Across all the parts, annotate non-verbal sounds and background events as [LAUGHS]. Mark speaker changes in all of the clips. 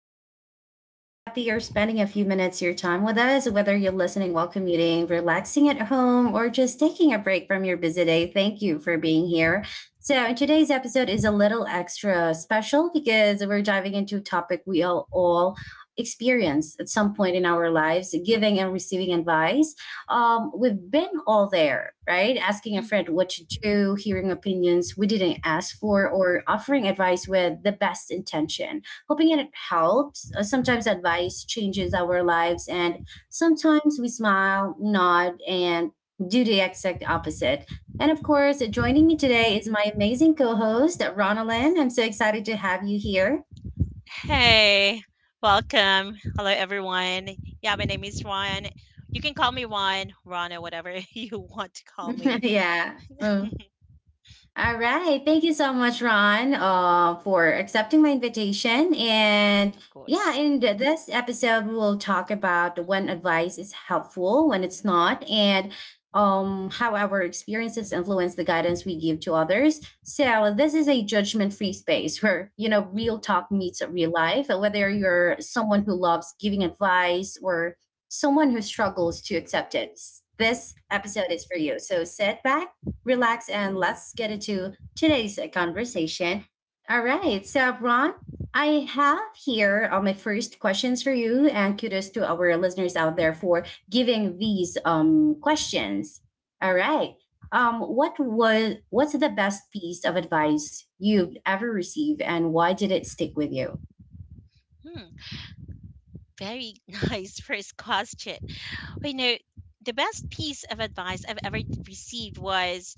Speaker 1: for today, and I'm so happy you're spending a few minutes of your time with us, whether you're listening while commuting, relaxing at home, or just taking a break from your busy day. Thank you for being here. So, today's episode is a little extra special because we're diving into a topic we all experience at some point in our lives giving and receiving advice. We've been all there, right? Asking a
Speaker 2: Mm.
Speaker 1: friend what to do, hearing opinions we didn't ask for, or offering advice with the best intention, hoping it helps. Sometimes advice changes our lives, and sometimes we smile, nod, and do the exact opposite. And of course, joining me today is my amazing co host, Ronalyn. I'm so excited to have you here.
Speaker 2: Hey, welcome. Hello, everyone. Yeah, my name is Ron. You can call me Ron, Ron, or whatever [LAUGHS] you want to call me,
Speaker 1: [LAUGHS] Yeah. Mm. All right. Thank you so much, Ron, for accepting my invitation. And
Speaker 2: of
Speaker 1: yeah,
Speaker 2: course.
Speaker 1: in this episode, we will talk about when advice is helpful, when it's not, and how our experiences influence the guidance we give to others. So this is a judgment-free space where you know real talk meets real life. Whether you're someone who loves giving advice or someone who struggles to accept it, this episode is for you. So sit back relax, and let's get into today's conversation. All right. So, Ron, I have here my first questions for you, and kudos to our listeners out there for giving these questions. All right. What's the best piece of advice you've ever received, and why did it stick with you?
Speaker 2: Hmm, very [LAUGHS] nice first question. Well, the best piece of advice I've ever received was: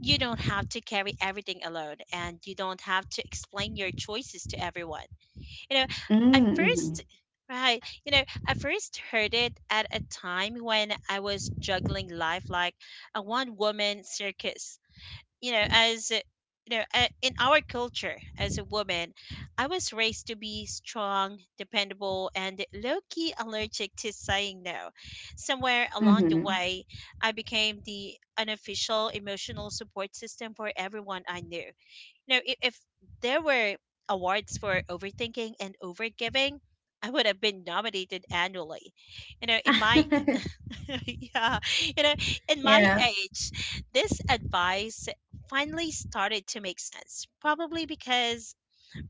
Speaker 2: you don't have to carry everything alone, and you don't have to explain your choices to everyone. You know, I
Speaker 1: Mm-hmm.
Speaker 2: first right, you know, I first heard it at a time when I was juggling life like a one woman circus. You know, as a- you know, a- In our culture, as a woman, I was raised to be strong, dependable, and low key allergic to saying no. Somewhere along the
Speaker 1: Mm-hmm.
Speaker 2: way, I became the unofficial emotional support system for everyone I knew. No, if there were awards for overthinking and overgiving, I would have been nominated annually. You know, in my
Speaker 1: [LAUGHS]
Speaker 2: [LAUGHS] yeah, you know, in my
Speaker 1: Yeah.
Speaker 2: age, this advice finally started to make sense. Probably because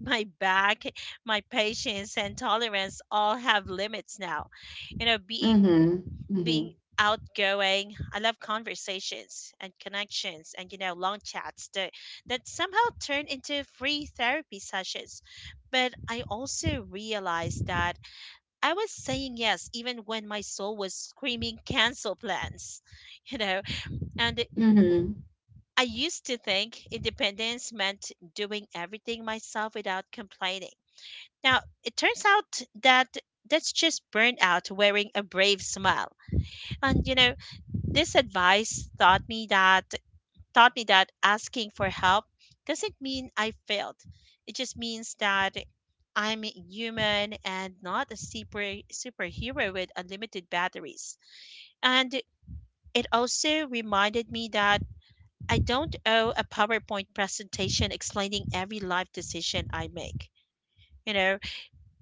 Speaker 2: my back, my patience, and tolerance all have limits now. You know, being
Speaker 1: Mm-hmm. Mm-hmm.
Speaker 2: being outgoing, I love conversations and connections and long chats that somehow turn into free therapy sessions. But I also realized that I was saying yes even when my soul was screaming "cancel plans." [LAUGHS] you know. And
Speaker 1: Mm-hmm.
Speaker 2: I used to think independence meant doing everything myself without complaining. Now, it turns out that that's just burnout wearing a brave smile. And this advice taught me that asking for help doesn't mean I failed. It just means that I'm human and not a superhero with unlimited batteries. And it also reminded me that I don't owe a PowerPoint presentation explaining every life decision I make. You know,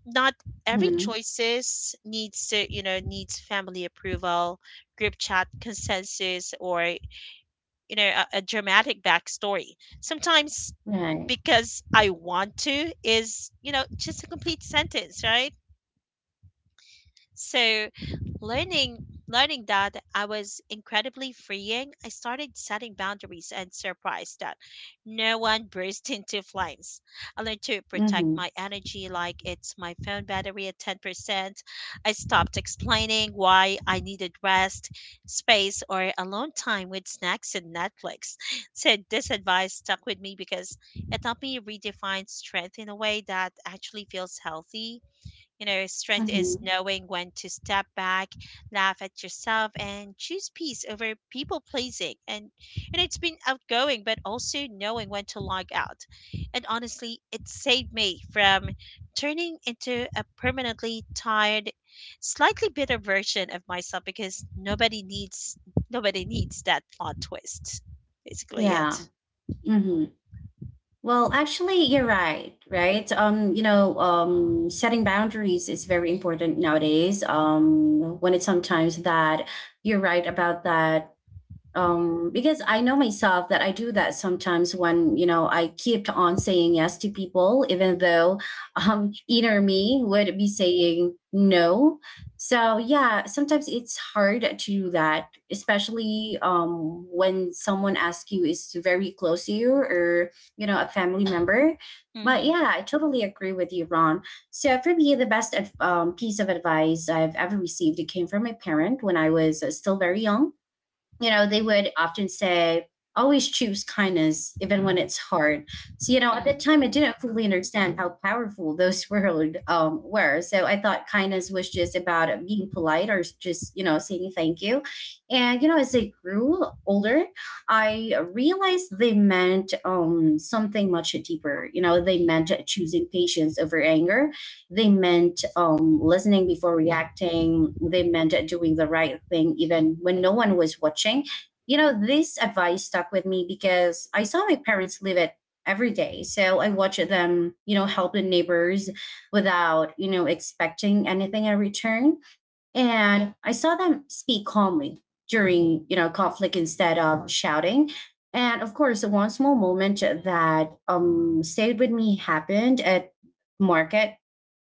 Speaker 2: not every
Speaker 1: Mm-hmm.
Speaker 2: choices needs to, needs family approval, group chat consensus, or a dramatic backstory sometimes,
Speaker 1: Right.
Speaker 2: because "I want to" is just a complete sentence, right? So learning learning that I was incredibly freeing, I started setting boundaries and surprised that no one [LAUGHS] burst into flames. I learned to protect
Speaker 1: Mm-hmm.
Speaker 2: my energy like it's my phone battery at 10%. I stopped explaining why I needed rest, space, or alone time with snacks and Netflix. [LAUGHS] So this advice stuck with me because it helped me redefine strength in a way that actually feels healthy. Strength is
Speaker 1: Mm-hmm.
Speaker 2: knowing when to step back, laugh at yourself, and choose peace over people pleasing. And, it's been outgoing, but also knowing when to log out. And honestly, it saved me from turning into a permanently tired, slightly bitter version of myself because nobody needs that plot twist. Basically,
Speaker 1: Yeah.
Speaker 2: it.
Speaker 1: hmm Well, actually, you're right. Right. You know, setting boundaries is very important nowadays. When it's sometimes that you're right about that, because I know myself that I do that sometimes when, you know, I keep on saying yes to people even though [LAUGHS] inner me would be saying no. So yeah, sometimes it's hard to do that, especially when someone asks you is very close to you or, you know, a family member. But
Speaker 2: Mm-hmm.
Speaker 1: yeah, I totally agree with you, Ron. So for me, the best piece of advice I've ever received came from my parent when I was still very young. You know, they would often say, always choose kindness, even when it's hard. So, you know, at that time, I didn't fully understand how powerful those [LAUGHS] words were. So I thought kindness was just about being polite or just, you know, saying thank you. And, you know, as I grew older, I realized they meant something much deeper. You know, they meant choosing patience over anger. They meant listening before reacting. They meant doing the right thing even when no one was watching. You know, this advice stuck with me because I saw my parents live it every day. So I watched them, you know, help the neighbors without, you know, expecting anything in return. And I saw them speak calmly during, you know, conflict instead of shouting. And of course, one small moment that stayed with me happened at market.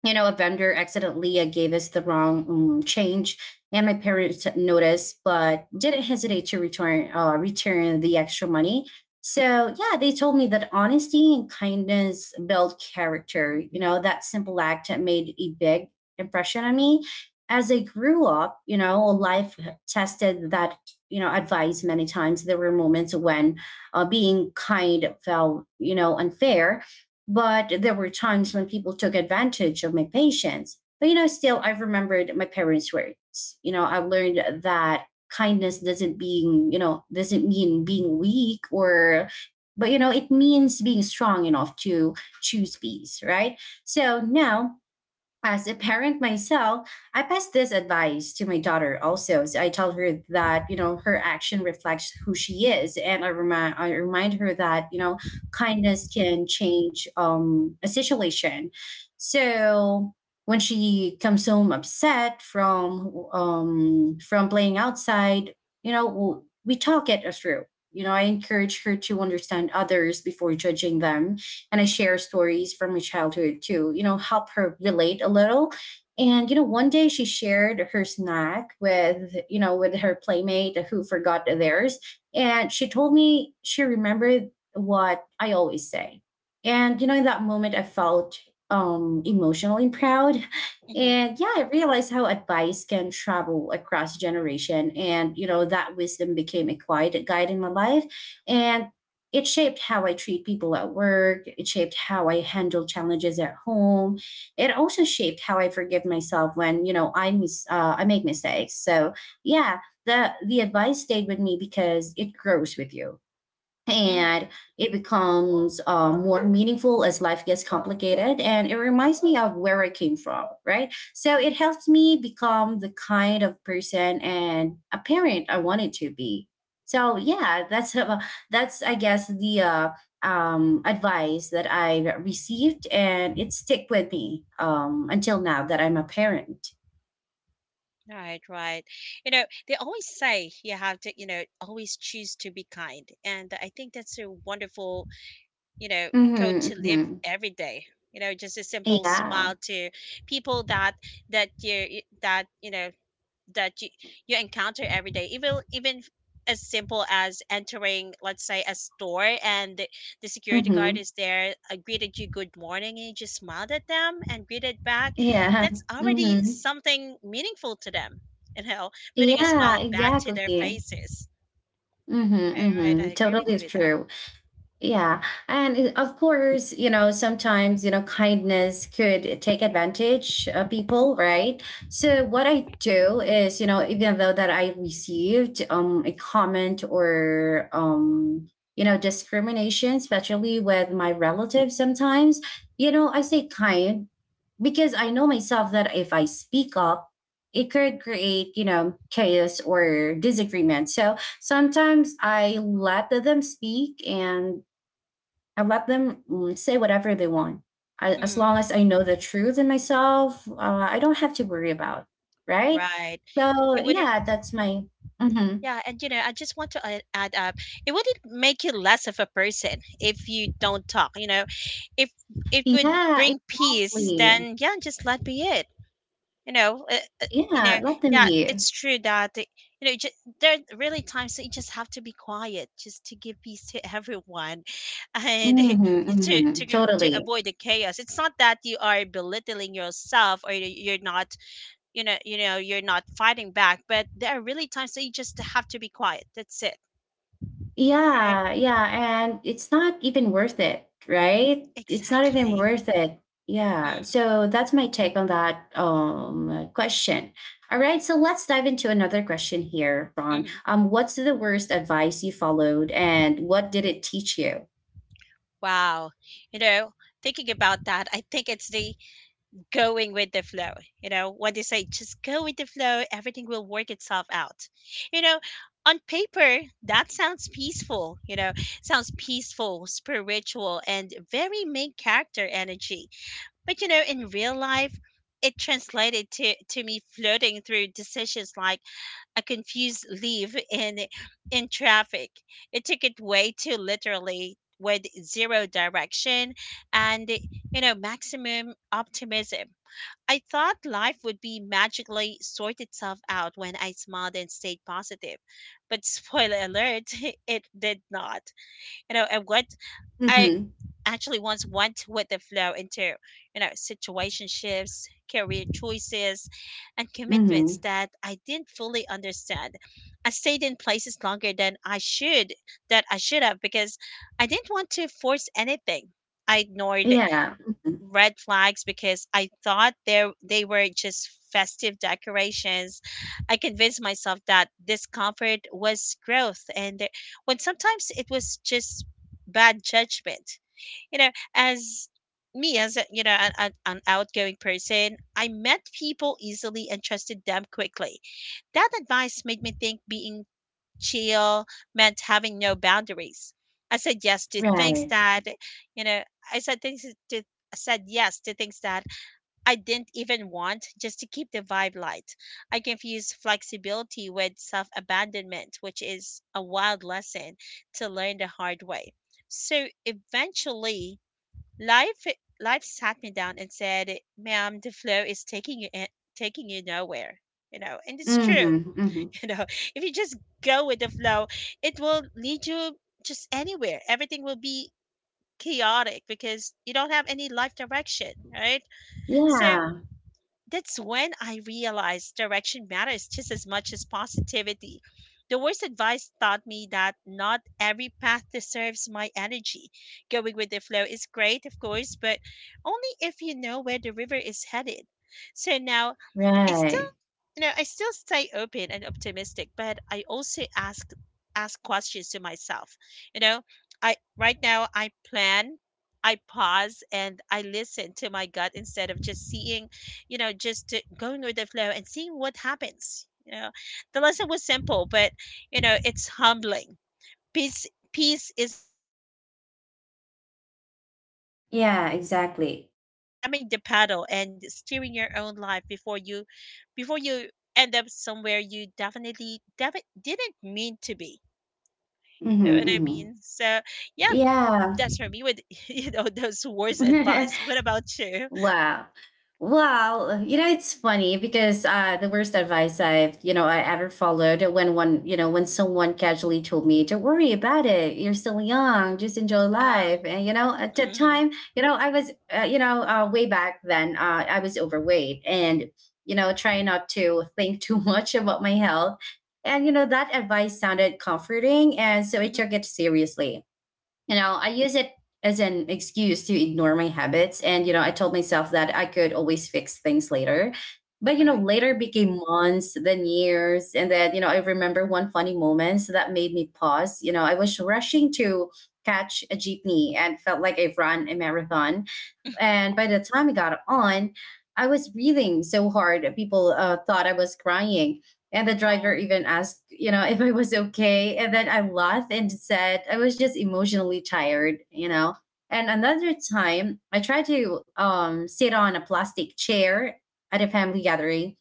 Speaker 1: You know, a vendor accidentally gave us the wrong change, and my parents noticed, but didn't hesitate to return the extra money. So yeah, they told me that honesty and kindness build character. You know, that simple act made a big impression on me. As I grew up, you know, life tested that, you know, advice many times. There were moments when being kind felt, you know, unfair, but there were times when people took advantage of my patience. But you know, still, I remembered my parents' words. You know, I learned that kindness doesn't being, you know, doesn't mean being weak or, but you know, it means being strong enough to choose peace, right? So now, as a parent myself, I pass this advice to my daughter also. So I tell her that, you know, her action reflects who she is. And I remind her that, you know, kindness can change a situation. So when she comes home upset from playing outside, you know, we talk it through. You know, I encourage her to understand others before judging them and I share stories from my childhood to, you know, help her relate a little. And, you know, one day she shared her snack with, you know, with her playmate who forgot theirs. And she told me she remembered what I always say. And, you know, in that moment, I felt emotionally proud.
Speaker 2: Mm-hmm.
Speaker 1: And yeah, I realized how advice can travel across generation. And, you know, that wisdom became a quiet guide in my life. And it shaped how I treat people at work. It shaped how I handle challenges at home. It also shaped how I forgive myself when, you know, I I make mistakes. So yeah, the advice stayed with me because it grows with you and
Speaker 2: Mm-hmm.
Speaker 1: it becomes more meaningful as life gets complicated. And it reminds me of where I came from, right? So it helps me become the kind of person and a parent I wanted to be. So yeah, that's [LAUGHS] that's I guess the advice that I received and it stick with me until now that I'm a parent.
Speaker 2: Right, right. You know, they always say you have to, always choose to be kind. And I think that's a wonderful, you know, code
Speaker 1: Hmm
Speaker 2: to live
Speaker 1: hmm
Speaker 2: every day. Just a simple
Speaker 1: yeah.
Speaker 2: smile to people that you that you know that you encounter every day, even as simple as entering, let's say, a store, and the security guard
Speaker 1: hmm
Speaker 2: is there, greeted you good morning, and you just smiled at them and greeted back.
Speaker 1: yeah.
Speaker 2: That's
Speaker 1: [LAUGHS]
Speaker 2: already
Speaker 1: hmm
Speaker 2: something meaningful to them. you know putting a
Speaker 1: yeah,
Speaker 2: smile back to their
Speaker 1: exactly.
Speaker 2: faces.
Speaker 1: Mm-hmm,
Speaker 2: All right,
Speaker 1: mm-hmm.
Speaker 2: I agree with
Speaker 1: Totally
Speaker 2: you
Speaker 1: is
Speaker 2: with that.
Speaker 1: true. Yeah. And it- of course, you know, sometimes, you know, kindness could take advantage of people, right? So what I do is, you know, even though that I received a comment or you know, discrimination, especially with my relatives sometimes, you know, I say kind because I know myself that if I speak up, it could create, you know, chaos or disagreement. So sometimes I let them speak and I let them say whatever they want. I, as
Speaker 2: Mhm.
Speaker 1: long
Speaker 2: Mm,
Speaker 1: as I know the truth in myself, I don't have to worry about, right?
Speaker 2: right.
Speaker 1: So
Speaker 2: It wouldn't.
Speaker 1: yeah, that's my. Hmm
Speaker 2: Yeah, and I just want to add up. It wouldn't make you less of a person if you don't talk. If it would
Speaker 1: Yeah,
Speaker 2: bring peace,
Speaker 1: exactly.
Speaker 2: then yeah, just let be it. You know, uh, uh, you know,
Speaker 1: Yeah, let them
Speaker 2: yeah,
Speaker 1: be.
Speaker 2: it's true that you know, just, there are really times that you just have to be quiet, just to give peace to everyone, [LAUGHS] and
Speaker 1: Hmm
Speaker 2: [LAUGHS] to
Speaker 1: hmm
Speaker 2: to to
Speaker 1: Totally.
Speaker 2: avoid the chaos. It's not that you are belittling yourself, or you- you're not you know you know you're not fighting back. But there are really times that you just have to be quiet. That's it, right?
Speaker 1: Yeah, yeah, and it's not even worth it, right? It's not even
Speaker 2: Exactly.
Speaker 1: worth it. Yeah.
Speaker 2: Mm,
Speaker 1: So that's my take on that question. All right, so let's dive into another question here, Ron.
Speaker 2: mm-hmm.
Speaker 1: What's the worst advice you followed and what did it teach you?
Speaker 2: Wow. you know thinking about that, I think it's the going with the flow. You know what they say, just go with the flow, everything will work itself out. you know on paper, that sounds peaceful. Spiritual, and very main character energy. But in real life, it translated to me floating through decisions like a confused leaf in traffic. It took it way too literally, with zero direction and maximum optimism. I thought life would be magically sort itself out when I smiled and stayed positive. But spoiler alert, [LAUGHS] it did not. And what I
Speaker 1: Mhm.
Speaker 2: actually ones went with the flow into situationships, career choices, and commitments
Speaker 1: Mhm.
Speaker 2: that I didn't fully understand. I stayed in places longer than I should have, because I didn't want to force anything. I ignored
Speaker 1: Yeah. mhm,
Speaker 2: red flags because I thought they were just festive decorations. I convinced myself that discomfort was growth, and when sometimes it was just bad judgment. You know, as me as a, An outgoing person, I met people easily and trusted them quickly. That advice made me think being chill meant having no boundaries. I said yes to things
Speaker 1: Right.
Speaker 2: that you know I said things I said yes to things that I didn't even want, just to keep the vibe light. I confused flexibility with self abandonment, which is a wild lesson to learn the hard way. So eventually, Life life sat me down and said, "Ma'am, the flow is taking you nowhere." And it's true.
Speaker 1: Mhm. Mhm.
Speaker 2: [LAUGHS] You know, if you just go with the flow, it will lead you just anywhere. Everything will be chaotic because you don't have any life direction, right? So
Speaker 1: Yeah.
Speaker 2: that's when I realized direction matters just as much as positivity. The worst advice taught me that not every path deserves my energy. Going with the flow is great, of course, but only if you know where the river is headed. So now I still
Speaker 1: Right.
Speaker 2: I still stay open and optimistic, but I also ask questions to myself. You know, I Right now, I plan, I pause, and I listen to my gut instead of just seeing, going with the flow and seeing what happens. The lesson was simple, but it's humbling. Peace, peace isn't passive, but sometimes the best move
Speaker 1: Yeah,
Speaker 2: isn't flirting.
Speaker 1: exactly.
Speaker 2: It's grabbing the paddle and steering your own life before you end up somewhere you definitely didn't mean to be. You
Speaker 1: Mhm.
Speaker 2: know what I
Speaker 1: Mhm.
Speaker 2: mean? So yeah,
Speaker 1: Yeah.
Speaker 2: that's for me with [LAUGHS] those worst advice.
Speaker 1: [LAUGHS]
Speaker 2: What about you?
Speaker 1: Wow. Well, you know, it's funny because the worst advice I've, you know, I ever followed when one, you know, when someone casually told me, don't worry about it. You're still young. Just enjoy life.
Speaker 2: Um,
Speaker 1: And, you know, at that
Speaker 2: mhm,
Speaker 1: time, you know, I was, you know, way back then, I was overweight and, you know, trying not to think [LAUGHS] too much about my health. And, you know, that advice sounded comforting. And so I
Speaker 2: mhm,
Speaker 1: took it seriously. You know, I use it as an excuse to ignore my habits. And, you know, I told myself that I could always fix things later. But, you know,
Speaker 2: right.
Speaker 1: later became months, then years. And then, you know, I remember one funny moment so that made me pause. You know, I was rushing to catch a jeepney and felt like I've run a marathon. And by the time I got on, I was breathing so hard. People thought I was crying. And the driver
Speaker 2: Oh.
Speaker 1: even asked, you know, [LAUGHS] if I was okay. And then I laughed and said I was just emotionally tired, you know. And another time, I tried to sit on a plastic chair at a family gathering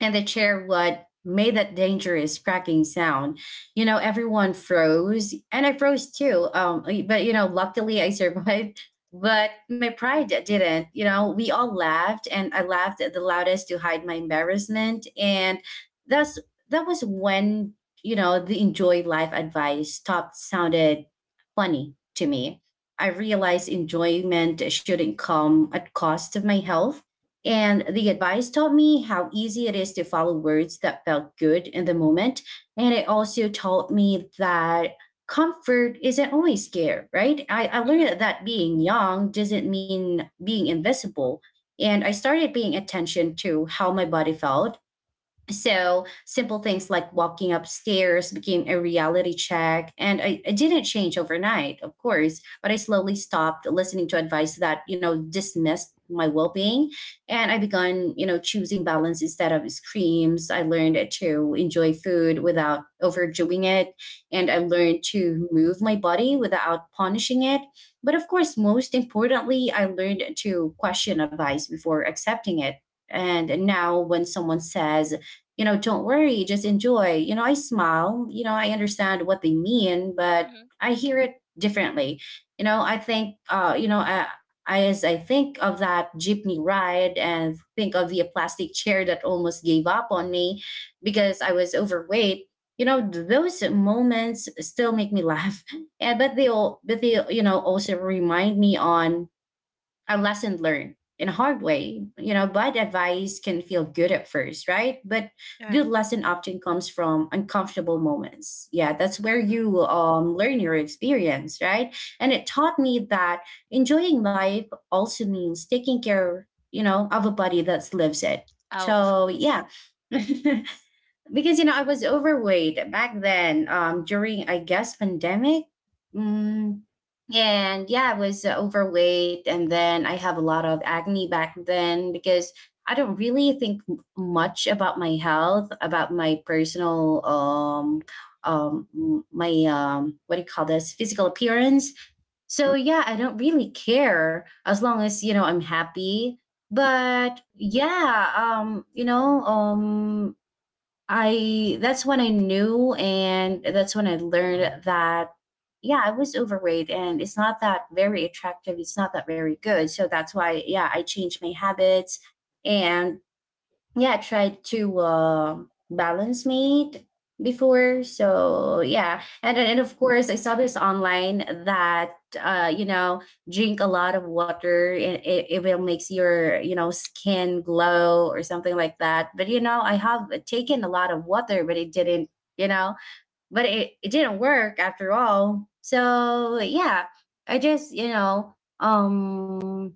Speaker 1: and the chair would made that dangerous cracking sound. You know, everyone froze, and I froze too. But you know, luckily I [LAUGHS] survived. But my pride didn't. You know, we all laughed, and I laughed at the loudest to hide my embarrassment. And that's that was when, you know, the enjoy life advice stopped sounded funny to me. I realized enjoyment shouldn't come at cost of my health and the advice taught me how easy it is to follow words that felt good in the moment. And it also taught me that comfort isn't always scare, right? I
Speaker 2: Mhm,
Speaker 1: learned that being young doesn't mean being invisible. And I started paying attention to how my body felt. So simple things like walking upstairs became a reality check. And I didn't change overnight, of course, but I slowly stopped listening to advice that, you know, dismissed my well-being. And I began, you know, choosing balance instead of screams. I learned to enjoy food without overdoing it. And I
Speaker 2: mhm,
Speaker 1: learned to move my body without punishing it. But of course, most importantly, I learned to question advice before accepting it. And now when someone says don't worry, just enjoy. I smile, I understand what they mean, but
Speaker 2: mhm.
Speaker 1: I hear it differently. You know, I think, you know, I, As I think of that jeepney ride and think of the plastic chair that almost gave up on me because I was overweight, those moments still make me laugh. [LAUGHS] And, but they all, but they, also remind me on a lesson learned in a hard way. Bad advice can feel good at first, right? But good
Speaker 2: Right.
Speaker 1: lesson often comes from uncomfortable moments. Yeah, that's where
Speaker 2: Mhm.
Speaker 1: you learn your experience, right? And it taught me that enjoying life also means taking care, of a body that lives it.
Speaker 2: Oh, of
Speaker 1: So
Speaker 2: course.
Speaker 1: yeah. [LAUGHS] Because I was overweight back then, during I guess pandemic. Mm, and yeah, I was overweight, and then I have a lot of acne back then because I don't really think much about my health, about my personal my what do you call this, physical appearance. So yeah, I don't really care as long as I'm happy. But yeah, I that's when I knew, and that's when I learned that yeah, I was overweight and it's not that very attractive, it's not that very good. So that's why yeah, I changed my habits and yeah, I tried to balance mate before. So yeah, and of course, I saw this online that drink a lot of water. It will makes your skin glow or something like that. But you know, I have taken a lot of water, but it didn't. You know, but it didn't work after all. So yeah, I just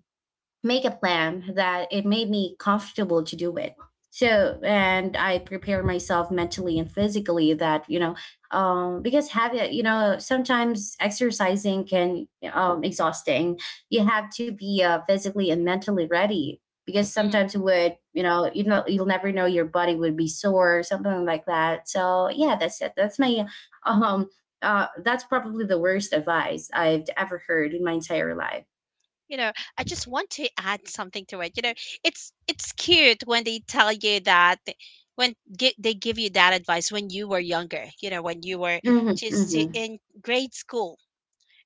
Speaker 1: make a plan that it made me comfortable to do it. So, and I prepare myself mentally and physically that, you know, because having, you know, sometimes exercising can exhausting. You have to be physically and mentally ready because
Speaker 2: Mhm.
Speaker 1: sometimes it would, you know, you'll never know your body would be sore or something like that. So yeah, that's it. Um, that's probably the worst advice I've ever heard in my entire life.
Speaker 2: I just want to add something to it. It's cute when they tell you that they give you that advice when you were younger, when you were just
Speaker 1: Hmm.
Speaker 2: in grade school.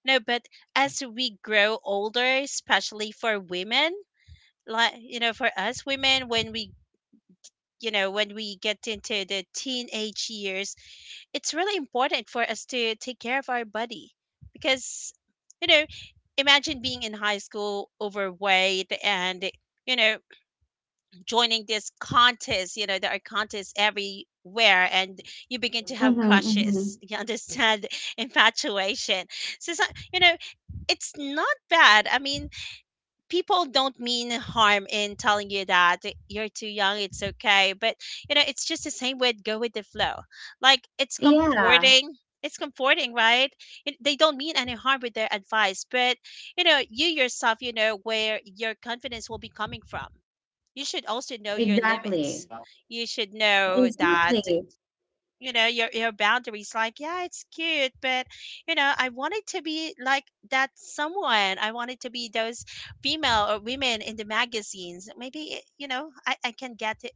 Speaker 2: No, but as we grow older, especially for women, like for us women, when we you know when we get into the teenage years, it's really important for us to take care of our body. Because you know imagine being in high school overweight and you know joining this contest, there are contests everywhere, and you begin to have
Speaker 1: Mhm, mhm.
Speaker 2: crushes, you understand, [LAUGHS] infatuation. So, you know it's not bad. I mean, people don't mean harm in telling you that you're too young, it's okay, but it's just the same with "go with the flow." Like, it's
Speaker 1: Yeah,
Speaker 2: comforting. It's comforting, right? They don't mean any harm with their advice, but you yourself, you know where your confidence will be coming from. You should also know your
Speaker 1: exactly.
Speaker 2: limits. You should know that,
Speaker 1: Exactly.
Speaker 2: your boundaries, like, yeah, it's cute, but I wanted to be like that someone. I wanted to be those female or women in the magazines. Maybe I can get it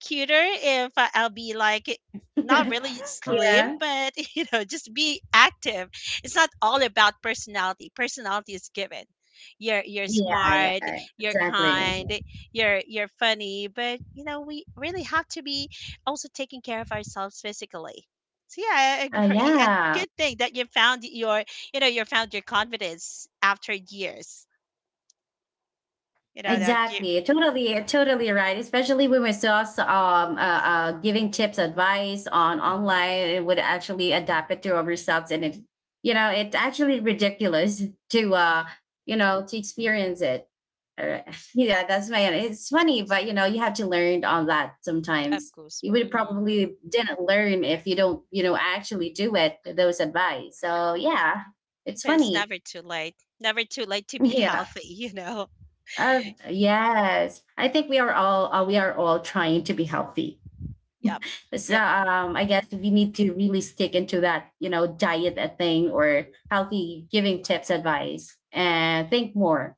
Speaker 2: cuter if I'll be like not really
Speaker 1: [LAUGHS]
Speaker 2: slim,
Speaker 1: Yeah.
Speaker 2: but [LAUGHS] just be active. It's not all about personality. Personality is given. You're
Speaker 1: Yeah,
Speaker 2: smart,
Speaker 1: yeah,
Speaker 2: you're
Speaker 1: exactly.
Speaker 2: kind, you're funny, but we really have to be also taking care of ourselves physically. So yeah, I [LAUGHS] agree. And
Speaker 1: Yeah.
Speaker 2: good thing that you found your confidence after years. You know that you,
Speaker 1: Exactly, totally, totally right. Especially when we're just giving tips, advice on online, it would actually adapt it to ourselves, and it, it's actually ridiculous to, to experience it. Alright. [LAUGHS] Yeah, that's my. It's funny, but you know, you have to learn on that
Speaker 2: of
Speaker 1: sometimes.
Speaker 2: course.
Speaker 1: You would
Speaker 2: Hmm,
Speaker 1: probably didn't learn if you don't, actually do it. Those advice. So yeah, it's
Speaker 2: but it's
Speaker 1: funny.
Speaker 2: never too late. Never too late to be
Speaker 1: [LAUGHS] Yeah.
Speaker 2: healthy. [LAUGHS]
Speaker 1: Uh, yes, I think we are all trying to be healthy.
Speaker 2: Yep.
Speaker 1: So
Speaker 2: Yep.
Speaker 1: I guess we need to really stick into that, diet a thing or healthy giving tips, advice, and think more,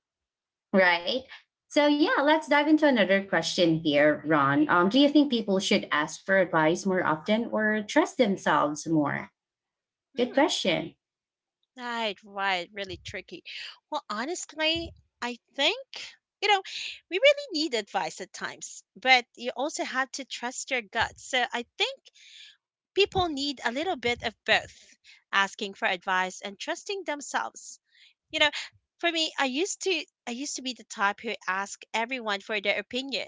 Speaker 1: right? So yeah, let's dive into another question here, Ron. Do you think people should ask for advice more often or trust themselves more? Good
Speaker 2: Mm,
Speaker 1: question.
Speaker 2: right, right. Really tricky. Well, honestly, I think, you know, we really need advice at times, but you also have to trust your gut. So I think people need a little bit of both, asking for advice and trusting themselves. You know, for me, I used to be the type who asked everyone for their opinion,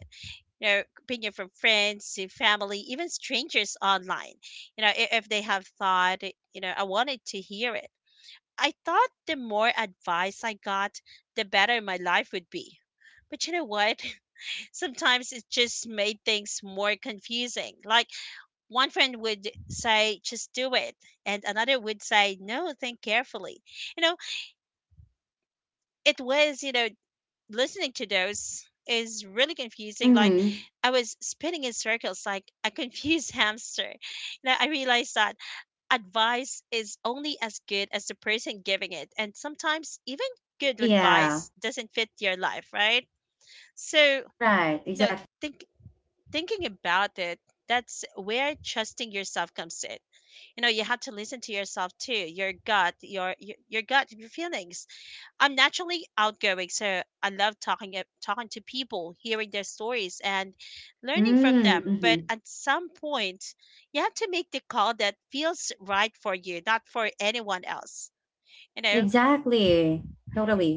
Speaker 2: you know, opinion from friends to family, even strangers online. You know, if they have thought, you know, I wanted to hear it. I thought the more advice I got, the better my life would be. But you know what? [LAUGHS] Sometimes it just made things more confusing. Like one friend would say just do it, and another would say no, think carefully, you know. it was you know Listening to those is really confusing. Like
Speaker 1: Hmm.
Speaker 2: I was spinning in circles like a confused [LAUGHS] hamster. You know, I realized that advice is only as good as the person giving it. And sometimes even good
Speaker 1: Yeah.
Speaker 2: advice doesn't fit your life, right? So
Speaker 1: Right.
Speaker 2: know,
Speaker 1: Exactly.
Speaker 2: think thinking about it, that's where trusting yourself comes in. You know, you have to listen to yourself too, your gut, your gut, your feelings. I'm naturally outgoing, so I love talking to people, hearing their stories, and learning from them.
Speaker 1: Mm-hmm.
Speaker 2: But at some point, you have to make the call that feels right for you, not for anyone else. You know,
Speaker 1: Exactly.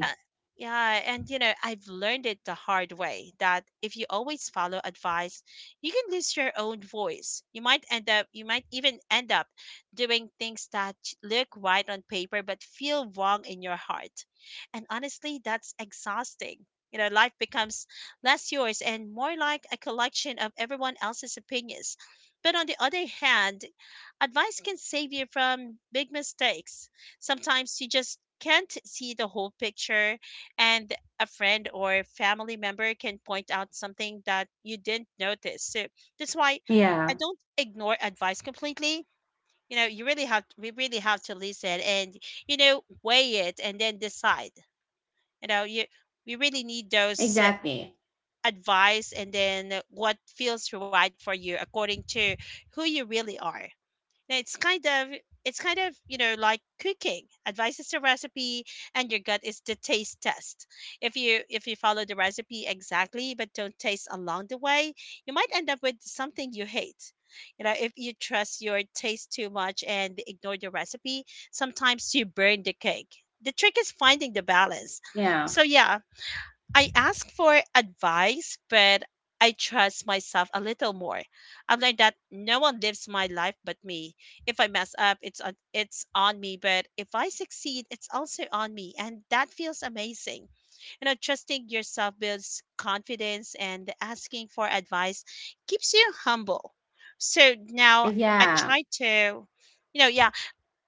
Speaker 2: uh, yeah, and you know, I've learned it the hard way that if you always follow advice, you can lose your own voice. You might even end up doing things that look right on paper but feel wrong in your heart. And honestly, that's exhausting. You know, life becomes less yours and more like a collection of everyone else's opinions. But on the other hand, advice can save you from big mistakes. Sometimes you just can't see the whole picture, and a friend or family member can point out something that you didn't notice. So that's why I
Speaker 1: Yeah,
Speaker 2: don't ignore advice completely. You know, you really have we really have to listen and, you know, weigh it and then decide. You know, you we really need those
Speaker 1: exactly.
Speaker 2: advice and then what feels right for you according to who you really are. Now it's kind of, you know, like cooking. Advice is the recipe, and your gut is the taste test. If you follow the recipe exactly but don't taste along the way, you might end up with something you hate. You know, if you trust your taste too much and ignore the recipe, sometimes you burn the cake. The trick is finding the balance.
Speaker 1: Yeah,
Speaker 2: So yeah, I ask for advice, but I trust myself a little more. I've learned that no one lives my life but me. If I mess up, it's on me, but if I succeed, it's also on me, and that feels amazing. You know, trusting yourself builds confidence, and asking for advice keeps you humble. So now I
Speaker 1: yeah.
Speaker 2: try to, you know, yeah,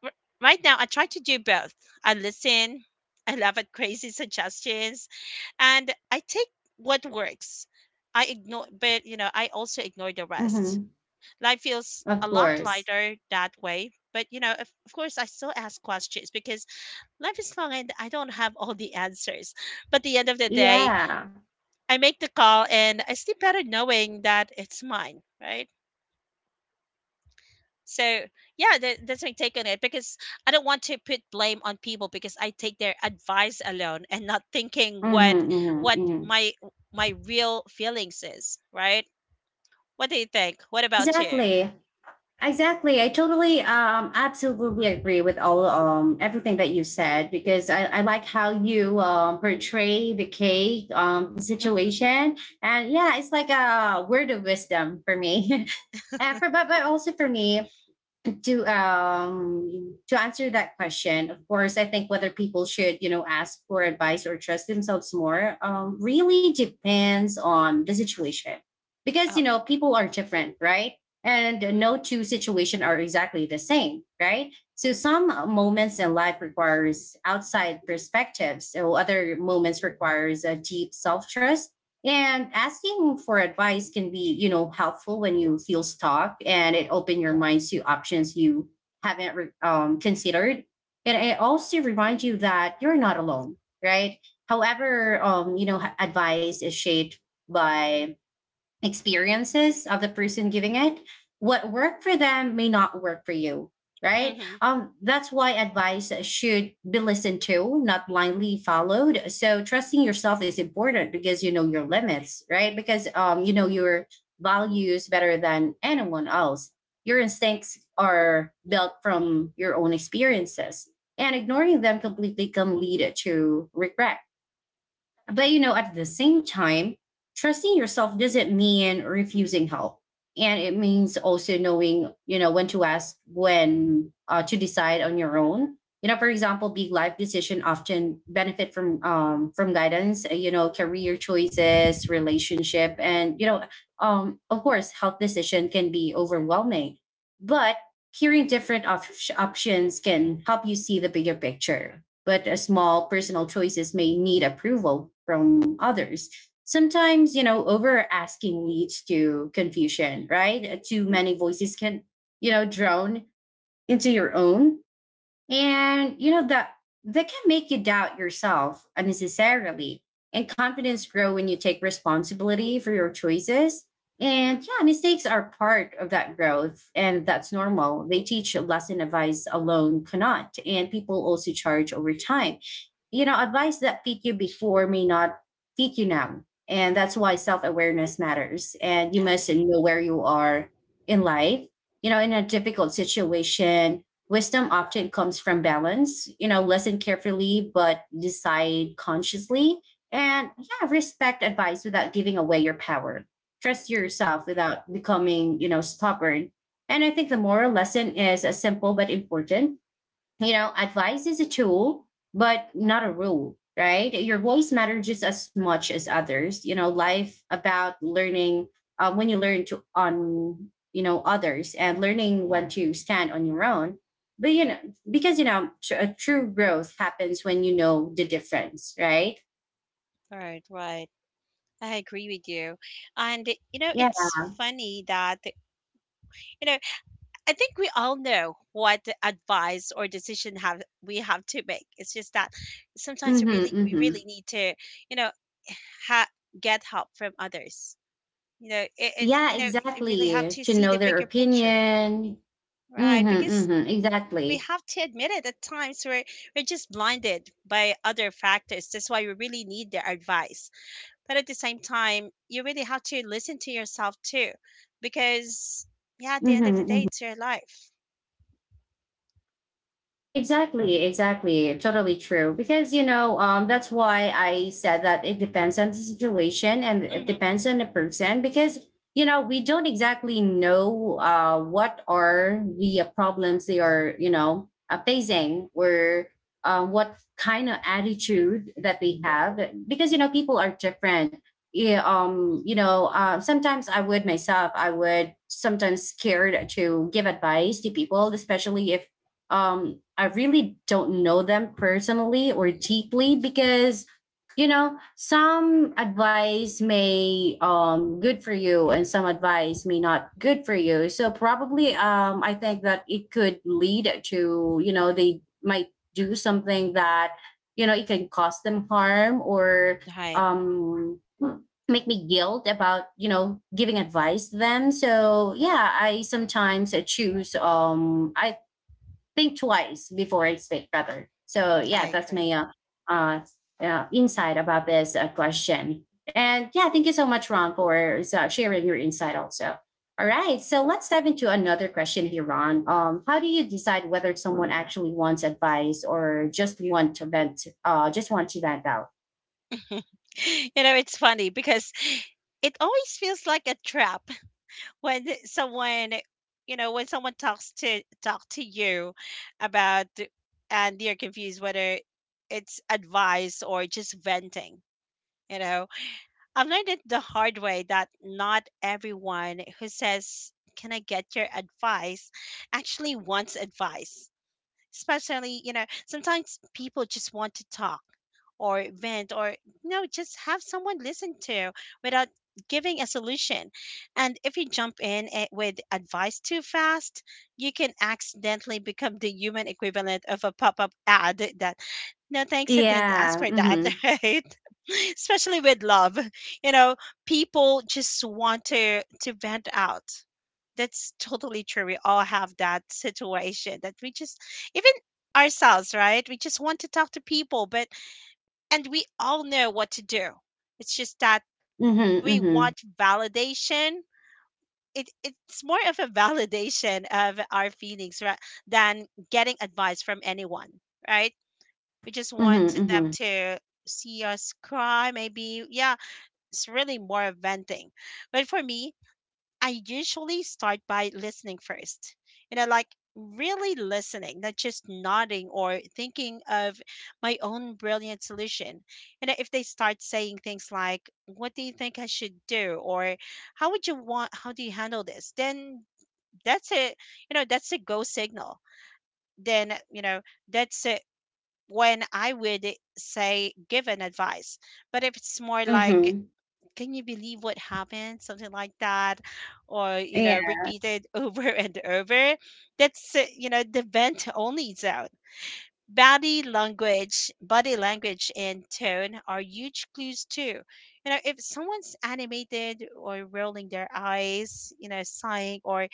Speaker 2: r- right now I try to do both. I listen, [LAUGHS] I laugh at crazy suggestions, and I take what works. I ignore, but you know, I also ignore the rest.
Speaker 1: Hmm.
Speaker 2: Life feels a
Speaker 1: Of
Speaker 2: lot
Speaker 1: course.
Speaker 2: lighter that way. But you know, of course, I still ask questions because life is long and I don't have all the answers. But at the end of the day,
Speaker 1: Yeah.
Speaker 2: I make the call and I sleep better knowing that it's mine, right? So yeah, that's my take on it because I don't want to put blame on people because I take their advice alone and not thinking
Speaker 1: Mm-hmm,
Speaker 2: what
Speaker 1: mm-hmm,
Speaker 2: what
Speaker 1: mm-hmm.
Speaker 2: my my real feelings is, right? What do you think? What about you?
Speaker 1: Exactly. Exactly, I totally, absolutely agree with all, everything that you said because I like how you, portray the cake,
Speaker 2: Hmm.
Speaker 1: situation. And yeah, it's like a word of wisdom for me. [LAUGHS] And for, but also for me, to answer that question, of course I think whether people should ask for advice or trust themselves more, really depends on the situation. Because
Speaker 2: Oh,
Speaker 1: people are different, right? And no two situations are exactly the same, right? So some moments in life requires outside perspectives, so other moments requires a deep self-trust. And asking for advice can be, helpful when you feel stuck, and it open your minds to options you haven't considered. And it also reminds you that you're not alone, right? However, advice is shaped by experiences of the person giving it. What worked for them may not work for you, right?
Speaker 2: hmm,
Speaker 1: That's why advice should be listened to, not blindly followed. So trusting yourself is important because your limits, right? Because you know your values better than anyone else. Your instincts are built from your own experiences, and ignoring them completely can lead to regret. But you know, at the same time, trusting yourself doesn't mean refusing help. And it means also knowing, when to ask, when to decide on your own. You know, for example, big life decision often benefit from guidance. You know, career choices, relationship, and you know, of course, health decision can be overwhelming. But hearing different options can help you see the bigger picture, but a small personal choices may need approval from others. Sometimes, over asking leads to confusion, right? Too many voices can, drone into your own, and you know that can make you doubt yourself unnecessarily. And confidence grow when you take responsibility for your choices. And yeah, mistakes are part of that growth, and that's
Speaker 2: hmm,
Speaker 1: normal. They teach a lesson advice alone cannot, and people also charge over time. You know, advice that fit you before may not fit you now. And that's why self awareness matters. And you
Speaker 2: yeah.
Speaker 1: must know where you are in life. You know, in a difficult situation, wisdom often comes from balance, listen carefully, but decide consciously. And yeah, respect advice without giving away your power. Trust
Speaker 2: Oh,
Speaker 1: yourself without becoming, stubborn. And I think the moral lesson is a simple but important, advice is a tool, but not a rule, right? Your voice matters just as much as others. You know, life about learning when you learn to on others and learning when to stand on your own. But you know, because you know, true growth happens when you know the difference, right?
Speaker 2: all right, right. I agree with you, and you know
Speaker 1: Yeah.
Speaker 2: it's funny that, you know, I think we all know what the advice or decision have we have to make. It's just that sometimes
Speaker 1: Mm-hmm,
Speaker 2: we
Speaker 1: mm-hmm.
Speaker 2: really need to, you know, ha- get help from others. You know, it, it's
Speaker 1: Yeah,
Speaker 2: you know, you really have
Speaker 1: exactly.
Speaker 2: to
Speaker 1: To
Speaker 2: see the
Speaker 1: know their
Speaker 2: bigger picture,
Speaker 1: opinion.
Speaker 2: right?
Speaker 1: Mm-hmm,
Speaker 2: Because
Speaker 1: mm-hmm,
Speaker 2: we
Speaker 1: exactly.
Speaker 2: have to admit it, at times we're just blinded by other factors. That's why we really need their advice. But at the same time, you really have to listen to yourself too, because yeah, at the
Speaker 1: Mm-hmm,
Speaker 2: end of the day,
Speaker 1: mm-hmm.
Speaker 2: it's your life.
Speaker 1: Exactly, exactly. Totally true. Because, that's why I said that it depends on the situation and it depends on the person because, we don't exactly know what are the problems they are, facing or what kind of attitude that they have because, people are different. Yeah, sometimes I would sometimes scared to give advice to people, especially if I really don't know them personally or deeply, because some advice may good for you and some advice may not good for you. So probably I think that it could lead to, they might do something that it can cause them harm or
Speaker 2: Hmm.
Speaker 1: um make me guilt about giving advice to them. So yeah, I sometimes choose, I think twice before I speak, rather. So yeah,
Speaker 2: I
Speaker 1: that's my
Speaker 2: agree,
Speaker 1: uh, insight about this question. And yeah, thank you so much, Ron, for sharing your insight also. All right,
Speaker 2: of
Speaker 1: so let's
Speaker 2: course.
Speaker 1: dive into another question here, Ron. How do you decide whether someone actually wants advice or just want to vent, just want to vent out?
Speaker 2: [LAUGHS] You know, it's funny because it always feels like a trap [LAUGHS] when someone, you know, when someone talk to you about, and you're confused whether it's advice or just venting, you know. I've learned it the hard way that not everyone who says, "Can I get your advice?" actually wants advice. Especially, you know, sometimes people just want to talk or vent, or, you know, just have someone listen to without giving a solution. And if you jump in with advice too fast, you can accidentally become the human equivalent of a pop-up ad that, no thanks, I didn't ask
Speaker 1: Yeah.
Speaker 2: for that,
Speaker 1: Mm-hmm.
Speaker 2: [LAUGHS] right? [LAUGHS] Especially with love, you know, people just want to vent out. That's totally true, we all have that situation that we just, even ourselves, right? We just want to talk to people, but, and we all know what to do. It's just that
Speaker 1: Mm-hmm.
Speaker 2: we
Speaker 1: Mm-hmm.
Speaker 2: want validation. It's more of a validation of our feelings than getting advice from anyone, right? We just want
Speaker 1: Mm-hmm.
Speaker 2: them
Speaker 1: Mm-hmm.
Speaker 2: to see us cry, maybe. Yeah, it's really more of venting. But for me, I usually start by listening first. You know, like really listening, not just nodding or thinking of my own brilliant solution. You know, if they start saying things like, "What do you think I should do?" or how do you handle this?" Then that's a, you know, that's a go signal. Then, you know, that's it when I would say give an advice. But if it's more like,
Speaker 1: Mm-hmm.
Speaker 2: "Can you believe what happened," something like that, or, you know,
Speaker 1: Yeah.
Speaker 2: repeated [LAUGHS] over and over, that's you know, the vent only zone. Body language, and tone are huge clues too. You know, if someone's animated or rolling their eyes, you know, sighing or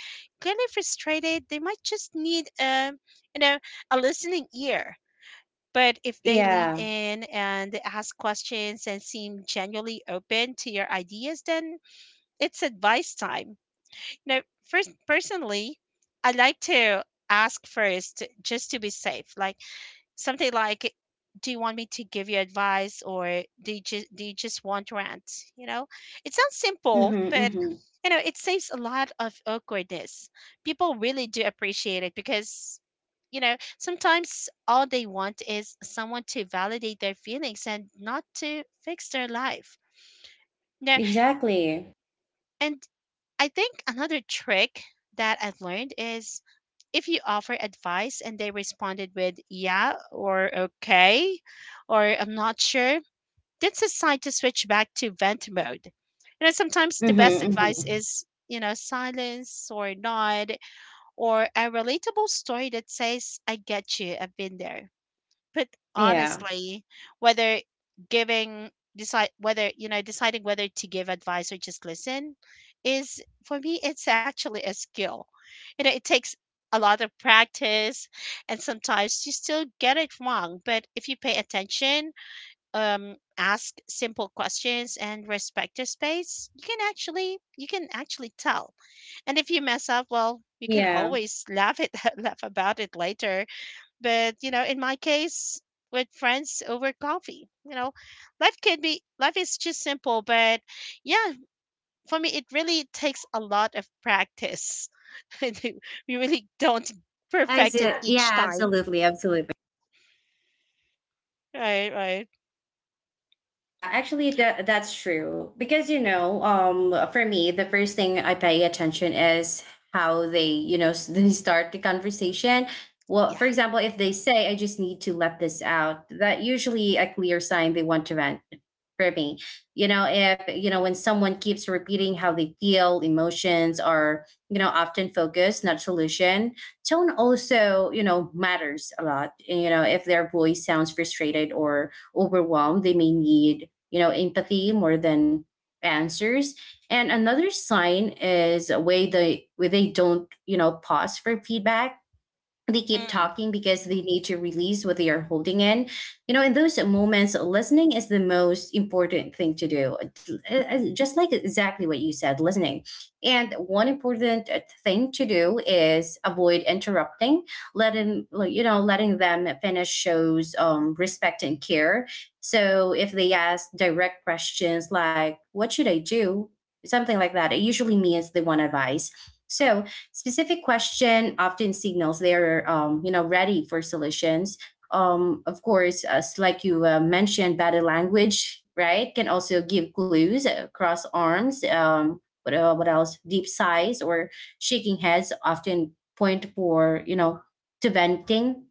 Speaker 2: clearly frustrated, they might just need you know, a listening ear. But if they lean
Speaker 1: Yeah.
Speaker 2: in and ask questions and seem genuinely open to your ideas, then it's advice time. Now, first, personally, I like to ask first just to be safe. Like, something like, "Do you want me to give you advice, or do you just want rants?" You know, it sounds simple,
Speaker 1: Mm-hmm.
Speaker 2: but
Speaker 1: Mm-hmm.
Speaker 2: you know, it saves a lot of awkwardness. People really do appreciate it because, you know, sometimes all they want is someone to validate their feelings and not to fix their life. No,
Speaker 1: Exactly.
Speaker 2: and I think another trick that I've learned is if you offer advice and they responded with yeah or okay or I'm not sure, that's a sign to switch back to vent mode. You know, sometimes the best
Speaker 1: Mm-hmm,
Speaker 2: advice
Speaker 1: hmm.
Speaker 2: is, you know, silence or nod or a relatable story that says, "I get you, I've been there." put
Speaker 1: Yeah.
Speaker 2: Honestly, whether giving decide whether you know deciding whether to give advice or just listen is, for me, [LAUGHS] it's actually a skill. You know, it takes a lot of practice, and sometimes you still get it wrong, but if you pay attention, ask simple questions and respect their space, you can actually tell. And if you mess up, well, you can
Speaker 1: Yeah.
Speaker 2: always laugh it [LAUGHS] laugh about it later. But you know, in my case, with friends over coffee, you know, life can be life is just simple, but yeah, for me it really takes a lot of practice. [LAUGHS] I do. We really don't
Speaker 1: I
Speaker 2: perfect
Speaker 1: see.
Speaker 2: it
Speaker 1: Yeah,
Speaker 2: each time.
Speaker 1: absolutely. Absolutely.
Speaker 2: Right, right,
Speaker 1: Well, yeah, actually, that's true. Because, for me, the first thing I pay attention is how they, [LAUGHS] they start the conversation. Well,
Speaker 2: yeah.
Speaker 1: for example, if they say, I just need to let this out, that usually a clear sign they want to vent for me. You know, if, you know, when someone keeps repeating how they feel, emotions are, often focus, not solution. Tone also, matters a lot. You know, if their voice sounds frustrated or overwhelmed, they may need, empathy more than answers. And another sign is a way they where they don't, pause for feedback, they keep
Speaker 2: Mm,
Speaker 1: talking because they need to release what they are holding in. You know, in those moments, listening is the most important thing to do. Just like exactly what you said, listening. And one important thing to do is avoid interrupting, letting letting them finish shows respect and care. So if they ask direct questions like, "What should I do?" something like that, it usually means they want advice. So specific question often signals they're ready for solutions. Of course, as you mentioned, body language right can also give clues, cross arms. What else? Deep sighs or shaking heads often point for you know to venting,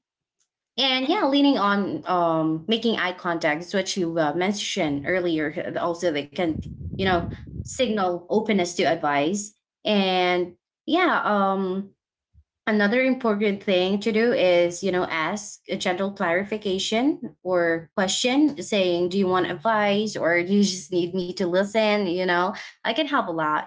Speaker 1: and yeah,
Speaker 2: mm,
Speaker 1: leaning on, making eye contact is what you mentioned earlier. Also, they can, you know, signal openness to advice. And yeah, another important thing to do is, you know, ask a gentle clarification or question saying, "Do you want advice, or you just need me to listen? You know, I can help a lot,"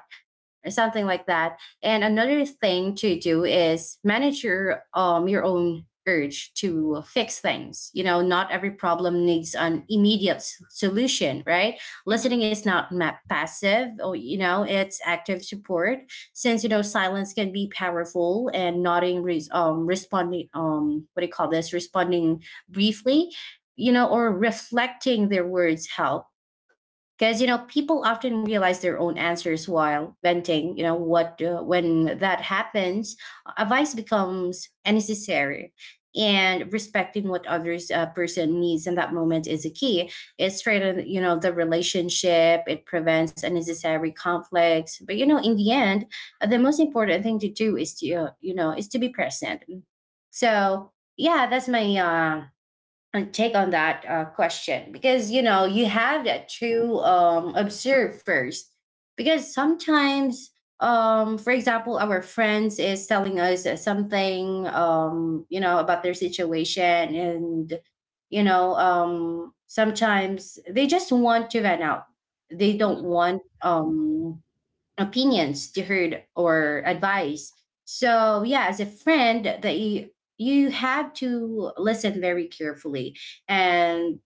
Speaker 1: or something like that. And another thing to do is manage your your own urge to fix things. You know, not every problem needs an immediate solution, right?
Speaker 2: mm,
Speaker 1: Listening is not passive, or you know, it's active support. Since you know, silence can be powerful, and nodding, responding, what do you call this? Responding briefly, you know, or reflecting their words help, because you know people often realize their own answers while venting. You know what, when that happens, advice becomes necessary. And respecting what others person needs in that moment is a key. It strengthens you know the relationship, it prevents unnecessary conflicts. But you know, in the end, the most important thing to do is to you know is to be present. So yeah, that's my and take on that question, because you know, you have that to observe first. Because sometimes, for example, our friends is telling us something, you know, about their situation. And you know, sometimes they just want to vent out. They don't
Speaker 2: mm,
Speaker 1: want, opinions to heard or advice. So yeah, as a friend, that you have to listen very carefully. And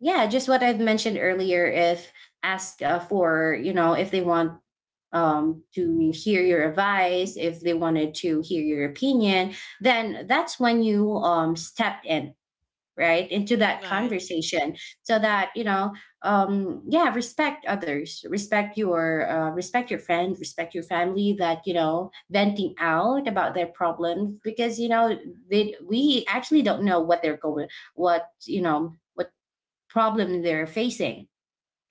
Speaker 1: yeah, just what I've mentioned earlier, if ask for you know if they want, to hear your advice, if they wanted to hear your opinion, then that's when you step in right into that
Speaker 2: right.
Speaker 1: conversation. So that you know, yeah, respect others, respect your friend, respect your family that you know venting out about their problems. Because you know, they we actually don't know what they're going, what you know what problem they're facing.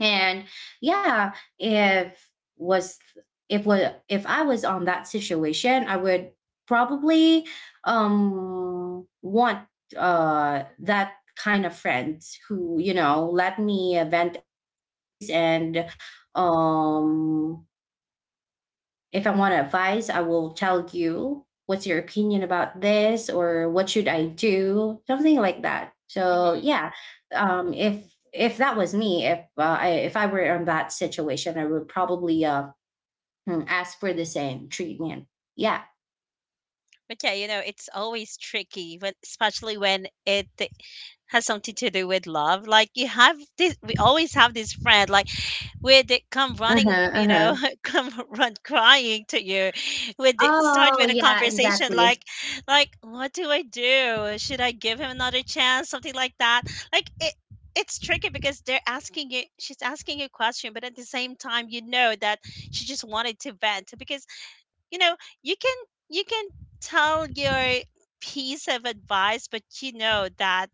Speaker 1: And yeah, if was if was if I was on that situation, I would probably want that kind of friends who you know let me vent out first. And um if I want advice, I will tell you what's your opinion about this, or what should I do, something like that. So
Speaker 2: Mm.
Speaker 1: yeah, if that was me, if if I were in that situation, I would probably ask for the same treatment. Yeah.
Speaker 2: But yeah, you know, it's always tricky when, especially when it has something to do with love. Like you have this, we always have this friend. Like would come
Speaker 1: Uh huh.
Speaker 2: running,
Speaker 1: Uh
Speaker 2: you
Speaker 1: huh.
Speaker 2: know, [LAUGHS] come run crying to you, would start
Speaker 1: Oh
Speaker 2: with a
Speaker 1: yeah,
Speaker 2: conversation
Speaker 1: exactly.
Speaker 2: like, "What do I do? Should I give him another chance?" Something like that. Like it, it's tricky because they're asking you. She's asking you a question, but at the same time, you know that she just wanted to vent because, you know, you can you can tell your piece of advice, but you know that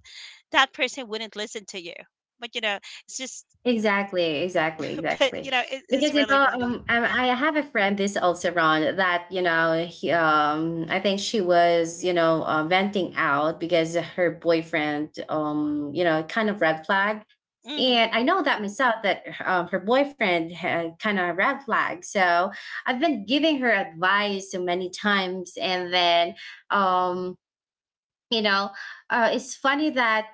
Speaker 2: that person wouldn't listen to you. But you know, it's just,
Speaker 1: Exactly, exactly,
Speaker 2: [LAUGHS] but
Speaker 1: exactly.
Speaker 2: you know,
Speaker 1: Because
Speaker 2: it's
Speaker 1: you
Speaker 2: really
Speaker 1: know,
Speaker 2: funny.
Speaker 1: I have a friend, this also Ron, that you know, I think she was you know venting out because her boyfriend, you know, kind of red flag.
Speaker 2: Mm-hmm.
Speaker 1: And I know that myself that her boyfriend had kind of red flag. So I've been giving her advice so many times. And then, um, you know, it's funny that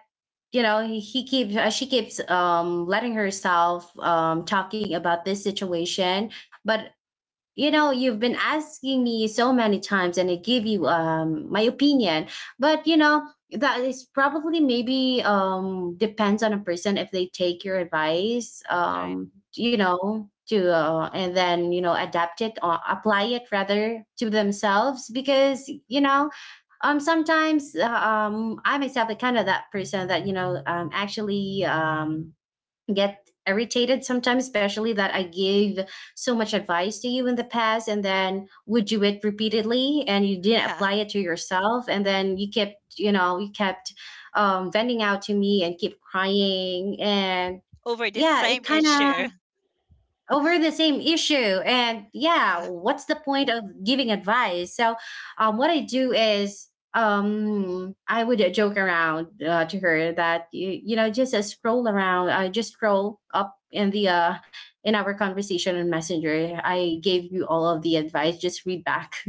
Speaker 1: you know he keeps she keeps letting herself talking about this situation. But you know, you've been asking me so many times and I give you my opinion. But you know, that is probably maybe depends on a person, if they take your advice
Speaker 2: Right.
Speaker 1: you know to and then you know adapt it, or apply it rather, to themselves. Because you know, sometimes I myself the kind of that person that you know actually get irritated sometimes, especially that I gave so much advice to you in the past and then would do it repeatedly and you didn't
Speaker 2: Yeah.
Speaker 1: apply it to yourself. And then you kept, you know, you kept, venting out to me and keep crying. And
Speaker 2: [LAUGHS] Over the
Speaker 1: yeah, it
Speaker 2: same
Speaker 1: kind of
Speaker 2: issue.
Speaker 1: over the same issue. And yeah,
Speaker 2: Yeah.
Speaker 1: what's the point of giving advice? So what I do is, I would joke around to her that you know, just scroll around just scroll up in the in our conversation on Messenger. I gave you all of the advice, just read back.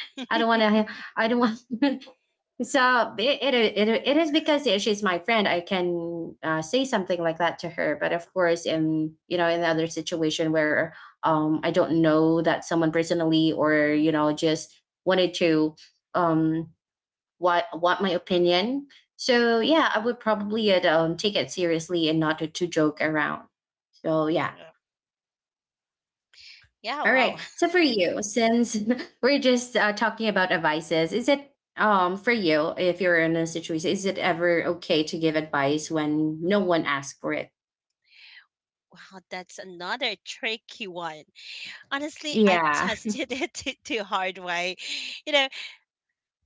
Speaker 1: [LAUGHS] I don't want to, I don't want. [LAUGHS] So it is because she's my friend. I can say something like that to her. But of course, in you know, in the other situation where, I don't know that someone personally, or you know, just wanted to, um, what want my opinion. So yeah, I would probably take it seriously and not to, to joke around. So yeah.
Speaker 2: Yeah. Yeah,
Speaker 1: All
Speaker 2: wow.
Speaker 1: right. So
Speaker 2: [LAUGHS]
Speaker 1: for you, since [LAUGHS] we're just talking about advices, is it for you if you're in a situation, is it ever okay to give advice when no one asks for it?
Speaker 2: Wow, that's another tricky one. Honestly, I
Speaker 1: Yeah. [LAUGHS]
Speaker 2: tested it [LAUGHS] the hard way. You know,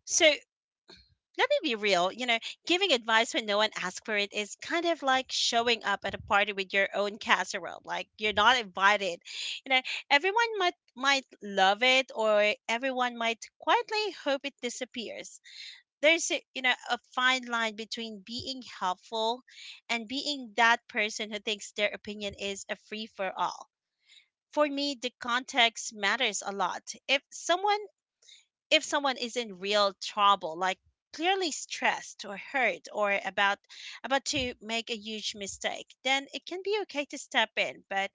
Speaker 2: so let me be real. You know, giving advice when no one asks for it is kind of like showing up at a party with your own casserole. Like you're not invited. You know, everyone might love it, or everyone might quietly hope it disappears. There's a, you know a fine line between being helpful and being that person who thinks their opinion is a free for all. For me, the context matters a lot. if someone if someone is in real trouble, like clearly stressed or hurt or about to make a huge mistake, then it can be okay to step in. But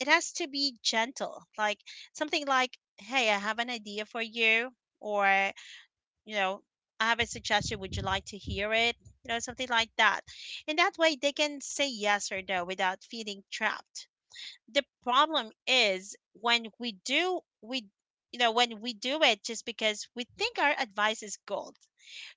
Speaker 2: it has to be gentle, like something like, hey, I have an idea for you, or you know, I have a suggestion. Would you like to hear it? You know, something like that. And that way they can say yes or no without feeling trapped. The problem is when we do, we, when we do it just because we think our advice is gold.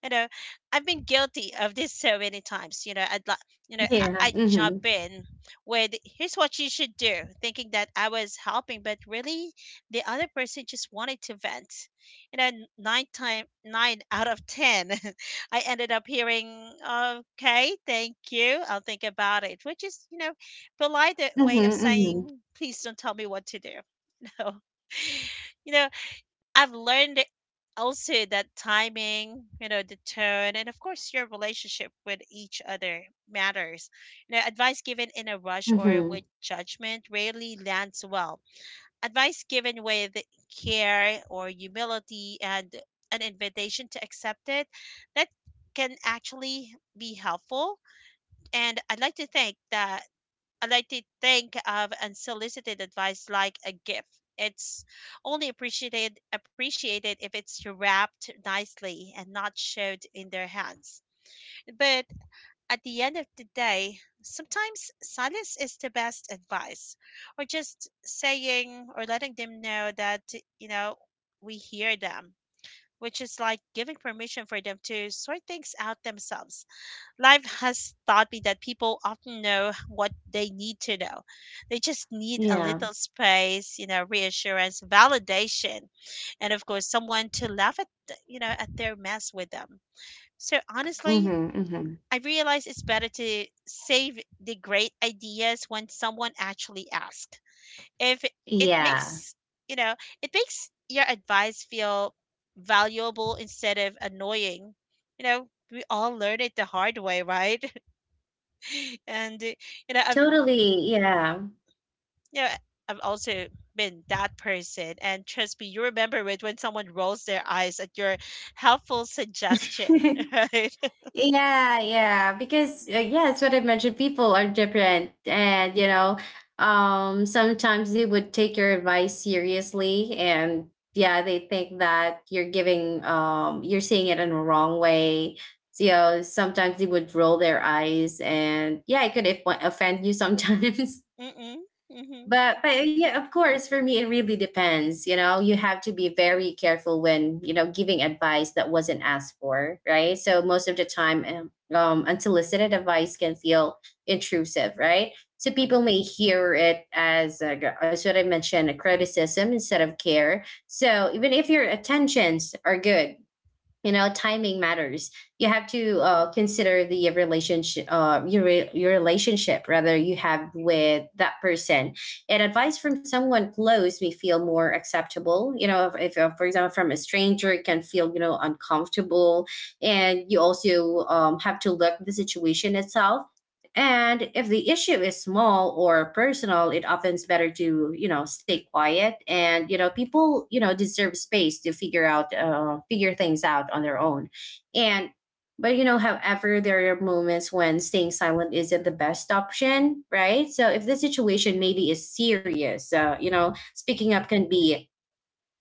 Speaker 2: you know I've been guilty of this so many times. You know I,
Speaker 1: Yeah.
Speaker 2: i jump
Speaker 1: Mhm.
Speaker 2: in with, here's what you should do, thinking that I was helping, but really the other person just wanted to vent. Nine out of ten, [LAUGHS] I ended up hearing, okay, thank you, I'll think about it, which is, you know, polite way
Speaker 1: Mhm.
Speaker 2: of
Speaker 1: Mhm.
Speaker 2: saying, please don't tell me what to do. [LAUGHS] you know I've learned also that timing, you know, the tone, and of course your relationship with each other matters. You know, advice given in a rush or
Speaker 1: Mhm.
Speaker 2: with judgment rarely lands well. Advice given with care or humility and an invitation to accept it, that can actually be helpful. And I'd like to think that I like to think of unsolicited advice like a gift. It's only appreciated if it's wrapped nicely and not shoved in their
Speaker 1: Yeah.
Speaker 2: hands. But at the end of the day, sometimes silence is the best advice. Or just saying or letting them know that, you know, we hear them, which is like giving permission for them to sort things out themselves. Life has taught me that people often know what they need to know. They just need a
Speaker 1: Yeah.
Speaker 2: little space, you know, reassurance, validation, and of course, someone to laugh at, at their mess with them. So honestly,
Speaker 1: Mhm. Mhm.
Speaker 2: I realize it's better to save the great ideas when someone actually asks. If it
Speaker 1: Yeah.
Speaker 2: makes, you know, it makes your advice feel valuable instead of annoying. You know, we all learn it the hard way, right? And you know, I've
Speaker 1: Totally. Yeah.
Speaker 2: you know, I've also been that person. And trust me, you remember it when someone rolls their eyes at your helpful suggestion,
Speaker 1: [LAUGHS]
Speaker 2: [LAUGHS] right?
Speaker 1: Yeah, yeah, because yeah, it's what I mentioned. People are different. And you know, sometimes they would take your advice seriously, and yeah, they think that you're giving, you're seeing it in the wrong way. So, you know, sometimes they would roll their eyes, and yeah, it could offend you sometimes. [LAUGHS]
Speaker 2: Mm-mm. Mm-hmm.
Speaker 1: But yeah, of course for me it really depends. You know, you have to be very careful when you know giving advice that wasn't asked for, right? So most of the time, unsolicited advice can feel intrusive, right? So
Speaker 2: Mm-hmm.
Speaker 1: people may hear it as what I mentioned, a criticism instead of care. So even if your intentions are good, you know, timing matters. You have to consider the relationship, your relationship rather you have with that person. And advice from someone close may feel more acceptable, you know, if, for example, from a stranger it can feel you know uncomfortable. And you also, have to look the situation itself. And if the issue is small or personal, it often's better to you know stay quiet. And you know people you know deserve space to figure things out on their own. And but you know, however, there are moments when staying silent isn't the best option, right? So if the situation maybe is serious, you know, speaking up can be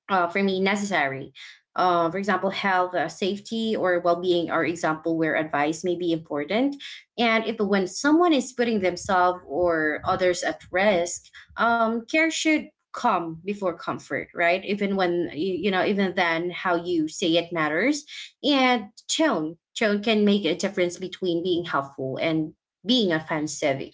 Speaker 1: for me necessary. For example, health, safety, or well-being are example where advice may be important. And if when someone is putting themselves or others at risk, care should come before comfort, right? Even when you know, even then, how you say it matters. And tone, tone can make a difference between being helpful and being offensive.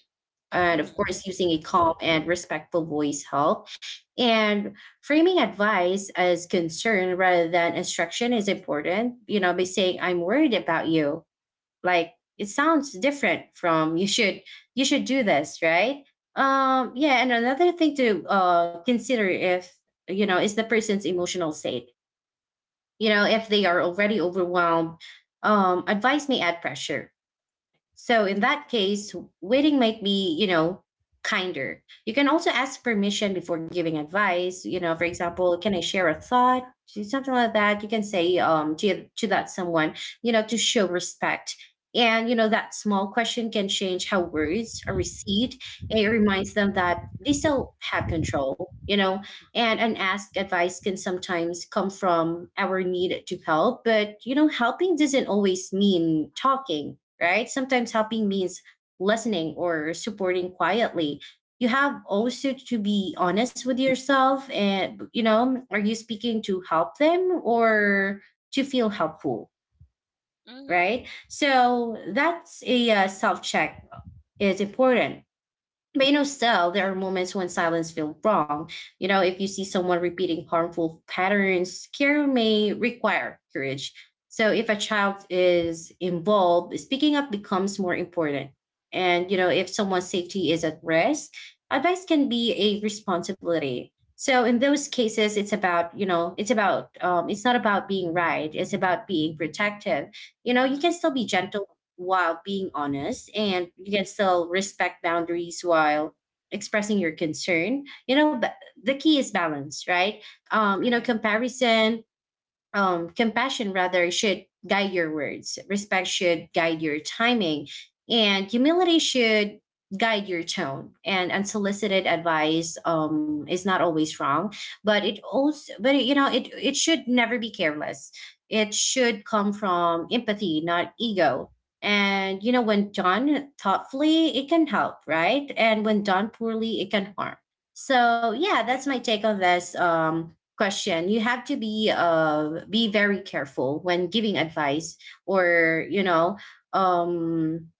Speaker 1: And of course,
Speaker 2: Mm-hmm.
Speaker 1: using a calm and respectful voice help. And framing advice as concern rather than instruction is important, you know, by saying I'm worried about you. Like it sounds different from you should do this, right? Yeah, and another thing to consider if you know is the person's emotional state. You know, if they are already overwhelmed, advice may add pressure. So in that case, waiting might be, you know, kinder. You can also ask permission before giving advice. You know, for example, can I share a thought? Something like that. You can say, to that someone, you know, to show respect. And, you know, that small question can change how words are received. It reminds them that they still have control, you know. And unasked advice can sometimes come from our need to help. But, you know, helping doesn't always mean talking, right? Sometimes helping means listening or supporting quietly. You have also to be honest with yourself, and, you know, are you speaking to help them or to feel helpful,
Speaker 2: Mm-hmm.
Speaker 1: right? So that's a self check is important. But you know, still, there are moments when silence feels wrong. You know, if you see someone repeating harmful patterns, care may require courage. So, if a child is involved, speaking up becomes more important. And, you know, if someone's safety is at risk, advice can be a responsibility. So, in those cases, it's about, it's not about being right, it's about being protective. You know, you
Speaker 2: Mm-hmm.
Speaker 1: can still be gentle while being honest, and you can still respect boundaries while expressing your concern, but the key is balance, right? You know
Speaker 2: Right.
Speaker 1: comparison Compassion rather should guide your words, respect should guide your timing, and humility should guide your tone. And unsolicited advice is not always wrong, but it also but it, you know it it should never be careless. It should come from empathy, not ego. And you know, when done thoughtfully it can help, right? And when done poorly, it can harm. So yeah, that's
Speaker 2: Right.
Speaker 1: my take on this question. You have to be very careful when giving advice, or you know, um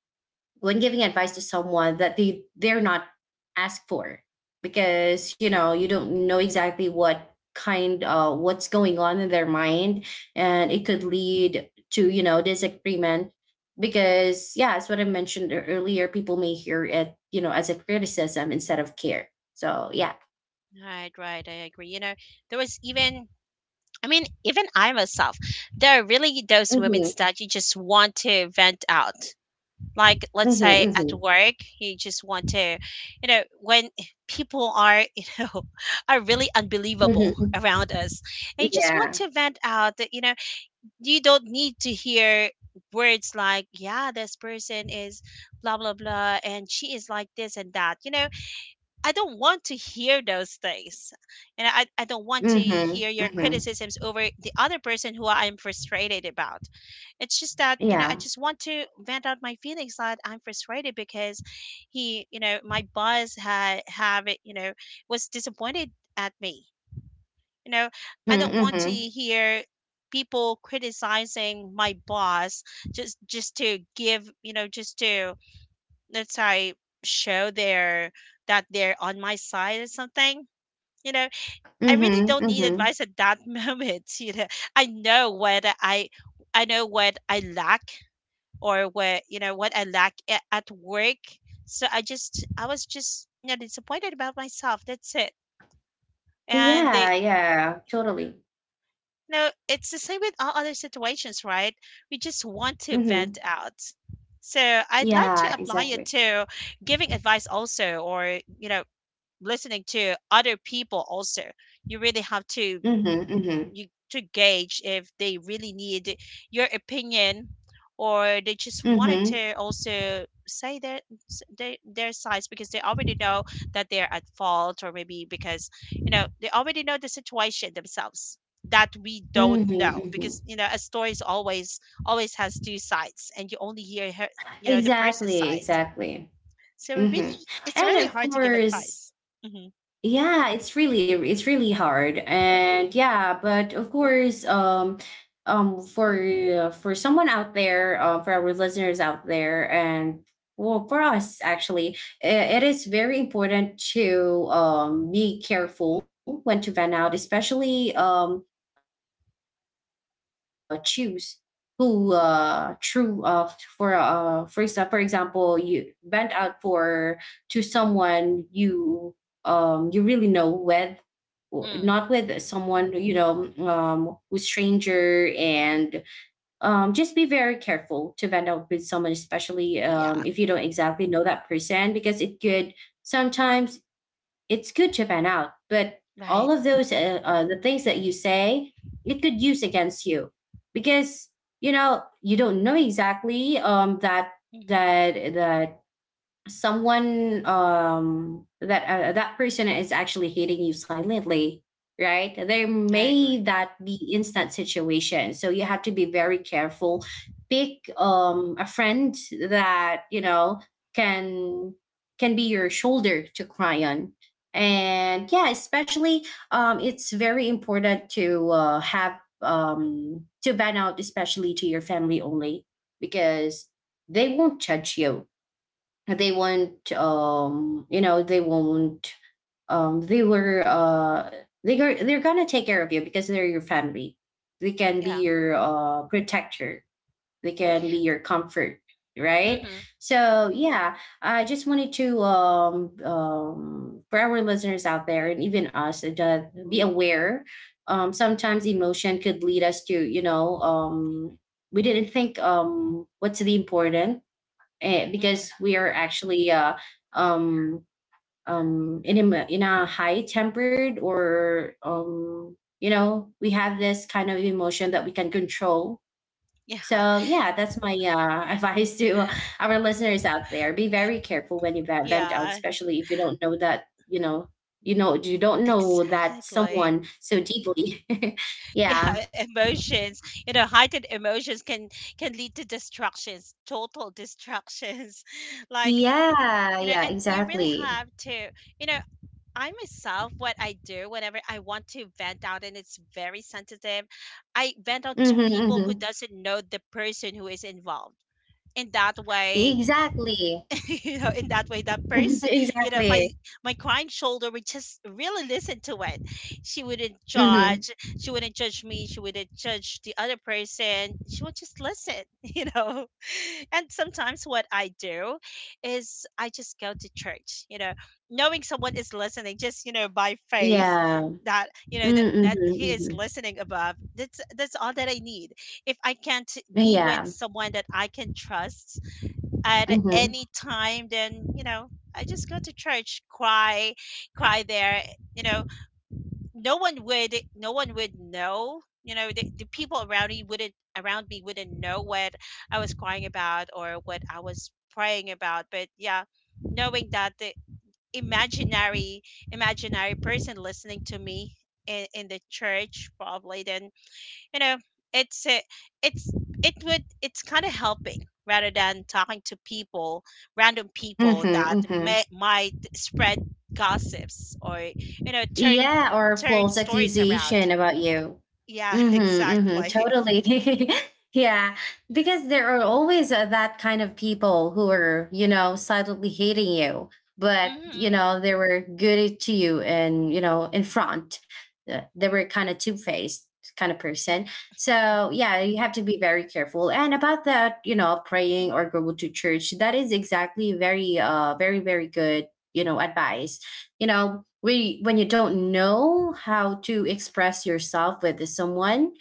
Speaker 1: when giving advice to someone that they're not asked for. Because you know, you don't know exactly what kind what's going on in their mind, and it could lead to, you know, disagreement. Because yeah, as what I mentioned earlier, people may hear it, you know, as a criticism instead of care. So yeah.
Speaker 2: Right. Right. I agree. You know, there was even. I mean, even I myself, there are really those
Speaker 1: Hmm.
Speaker 2: moments that you just want to vent out, like
Speaker 1: Hmm.
Speaker 2: let's say
Speaker 1: Hmm.
Speaker 2: at work you just want to, you know, when [LAUGHS] people are, you know, [LAUGHS] are really unbelievable
Speaker 1: Hmm.
Speaker 2: around us, and you just want
Speaker 1: Yeah.
Speaker 2: to vent out that, you know, you don't need to hear words like, yeah, this person is blah blah blah, and she is like this and that, you know. I don't want to hear those things. And I don't want to hear
Speaker 1: Mhm.
Speaker 2: your
Speaker 1: Mhm.
Speaker 2: criticisms over the other person who I'm frustrated about. It's just that, you know, I
Speaker 1: Yeah.
Speaker 2: just want to vent out my feelings that I'm frustrated because he, you know, my boss had have it, you know, was disappointed at me. You know, I
Speaker 1: Mhm.
Speaker 2: don't want to
Speaker 1: Mhm.
Speaker 2: hear people criticizing my boss just to give, you know, just to, let's say, show their, that they're on my side or something, you know. I really
Speaker 1: Mhm.
Speaker 2: don't need
Speaker 1: Mhm.
Speaker 2: advice at that [LAUGHS] moment, you know. i know what i I know what I lack, or what, you know, what I lack at work. So I just, I was just, you know, disappointed about myself, that's it. And they
Speaker 1: Yeah, yeah, totally.
Speaker 2: You know, it's the same with all other situations, right? We just want to vent
Speaker 1: Mhm.
Speaker 2: out. So I'd like to
Speaker 1: Yeah,
Speaker 2: apply it
Speaker 1: exactly.
Speaker 2: to giving advice also, or, you know, listening to other people also. you really have to
Speaker 1: Mhm. Mhm.
Speaker 2: you to gauge if they really need your opinion, or they just wanted
Speaker 1: Mhm.
Speaker 2: to also say their their sides, because they already know that they're at fault, or maybe because, you know, they already know the situation themselves that we don't
Speaker 1: Mhm.
Speaker 2: know, because,
Speaker 1: Mhm.
Speaker 2: you know, a story is always has two sides, and you only hear you know, the person's
Speaker 1: Exactly.
Speaker 2: side.
Speaker 1: Exactly.
Speaker 2: So it
Speaker 1: Mhm.
Speaker 2: really, it's
Speaker 1: And
Speaker 2: really
Speaker 1: of
Speaker 2: hard to give
Speaker 1: course,
Speaker 2: advice. Hmm.
Speaker 1: yeah, it's really, it's really hard. And yeah, but of course, for someone out there, for our listeners out there, and well, for us actually, it is very important to be careful when to vent out, especially for example, you need to choose who true for example for example, you vent out for to someone you, you really know with, not with someone you know, who's stranger. And just be very careful to vent out with someone, especially
Speaker 2: Yeah.
Speaker 1: if you don't exactly know that person, because it could sometimes, it's good to vent out, but all
Speaker 2: Right.
Speaker 1: of those the things that you say, it could use against you, because you know, you don't know exactly, that,
Speaker 2: Hmm.
Speaker 1: that someone, that person is actually hating you silently, right? There
Speaker 2: I
Speaker 1: may
Speaker 2: agree.
Speaker 1: that be instant situation, so you have to be very careful. Pick a friend that you know can can be your shoulder to cry on. And yeah, especially it's very important to have to ban out, especially to your family only, because they won't judge you. They won't, you know, they won't, um they were uh they are, they're gonna take care of you because they're your family. They can be
Speaker 2: Yeah.
Speaker 1: your protector, they can be your comfort, right?
Speaker 2: Hmm.
Speaker 1: So yeah, I just wanted to for our listeners out there and even us, to be aware. Sometimes emotion could lead us to, you know, we didn't think what's the important. Eh, because
Speaker 2: Hmm.
Speaker 1: we are actually um, in a in a high tempered, or you know, we have this kind of emotion that we can control.
Speaker 2: Yeah. [LAUGHS]
Speaker 1: So yeah, that's my [LAUGHS] advice to our listeners out there. Be very careful when you vent out,
Speaker 2: Yeah.
Speaker 1: especially if you don't know, that you know, you know, you don't know that
Speaker 2: Exactly.
Speaker 1: someone so deeply. [LAUGHS]
Speaker 2: Yeah.
Speaker 1: Yeah.
Speaker 2: [LAUGHS] Emotions. You know, heightened emotions can lead to destructions, total destructions. [LAUGHS] like
Speaker 1: Yeah,
Speaker 2: you know,
Speaker 1: yeah,
Speaker 2: and you really
Speaker 1: exactly.
Speaker 2: have to. You know, I myself, what I do whenever I want to vent out, and it's very sensitive, I vent out
Speaker 1: Hmm.
Speaker 2: to people who
Speaker 1: Hmm.
Speaker 2: doesn't know the person who is involved. In that way,
Speaker 1: Exactly.
Speaker 2: [LAUGHS] you know, in that way that
Speaker 1: [LAUGHS]
Speaker 2: person, you know,
Speaker 1: Exactly.
Speaker 2: my crying shoulder would just really listen to it. She wouldn't
Speaker 1: Mhm.
Speaker 2: judge, she wouldn't judge me, she wouldn't judge the other person, she would just listen. [LAUGHS] You know, and sometimes what I do is I just go to church, you know, knowing someone is listening, just, you know, by faith,
Speaker 1: Yeah. Mm, mhm,
Speaker 2: that he is
Speaker 1: mhm.
Speaker 2: listening above. That's all that I need. If I can't be with
Speaker 1: Yeah.
Speaker 2: someone that I can trust at
Speaker 1: Mhm.
Speaker 2: any time, then, you know, I just go to church, cry, cry there, you know. No one would know, you know, the people around me wouldn't know what I was crying about or what I was praying about. But yeah, knowing that the imaginary imaginary person listening to me in the church, probably, then, you know, it's a, it's it would, it's kind of helping rather than talking to people, random people
Speaker 1: Mhm,
Speaker 2: that
Speaker 1: mhm.
Speaker 2: might spread gossips, or you know,
Speaker 1: Yeah, or
Speaker 2: turn
Speaker 1: false
Speaker 2: stories around.
Speaker 1: accusation about you.
Speaker 2: Yeah. [LAUGHS]
Speaker 1: Mm-hmm, mm-hmm,
Speaker 2: Exactly.
Speaker 1: totally. [LAUGHS] Yeah, because there are always, that kind of people who are, you know, silently hating you, but, you
Speaker 2: Hmm.
Speaker 1: know, they were good to you and, you know, in front. They were kind of two-faced kind of person. So yeah, you have to be very careful. And about that, you know, praying or go to church, that is exactly very, very, very good, you know, advice. You know, we, when you don't know how to express yourself with someone,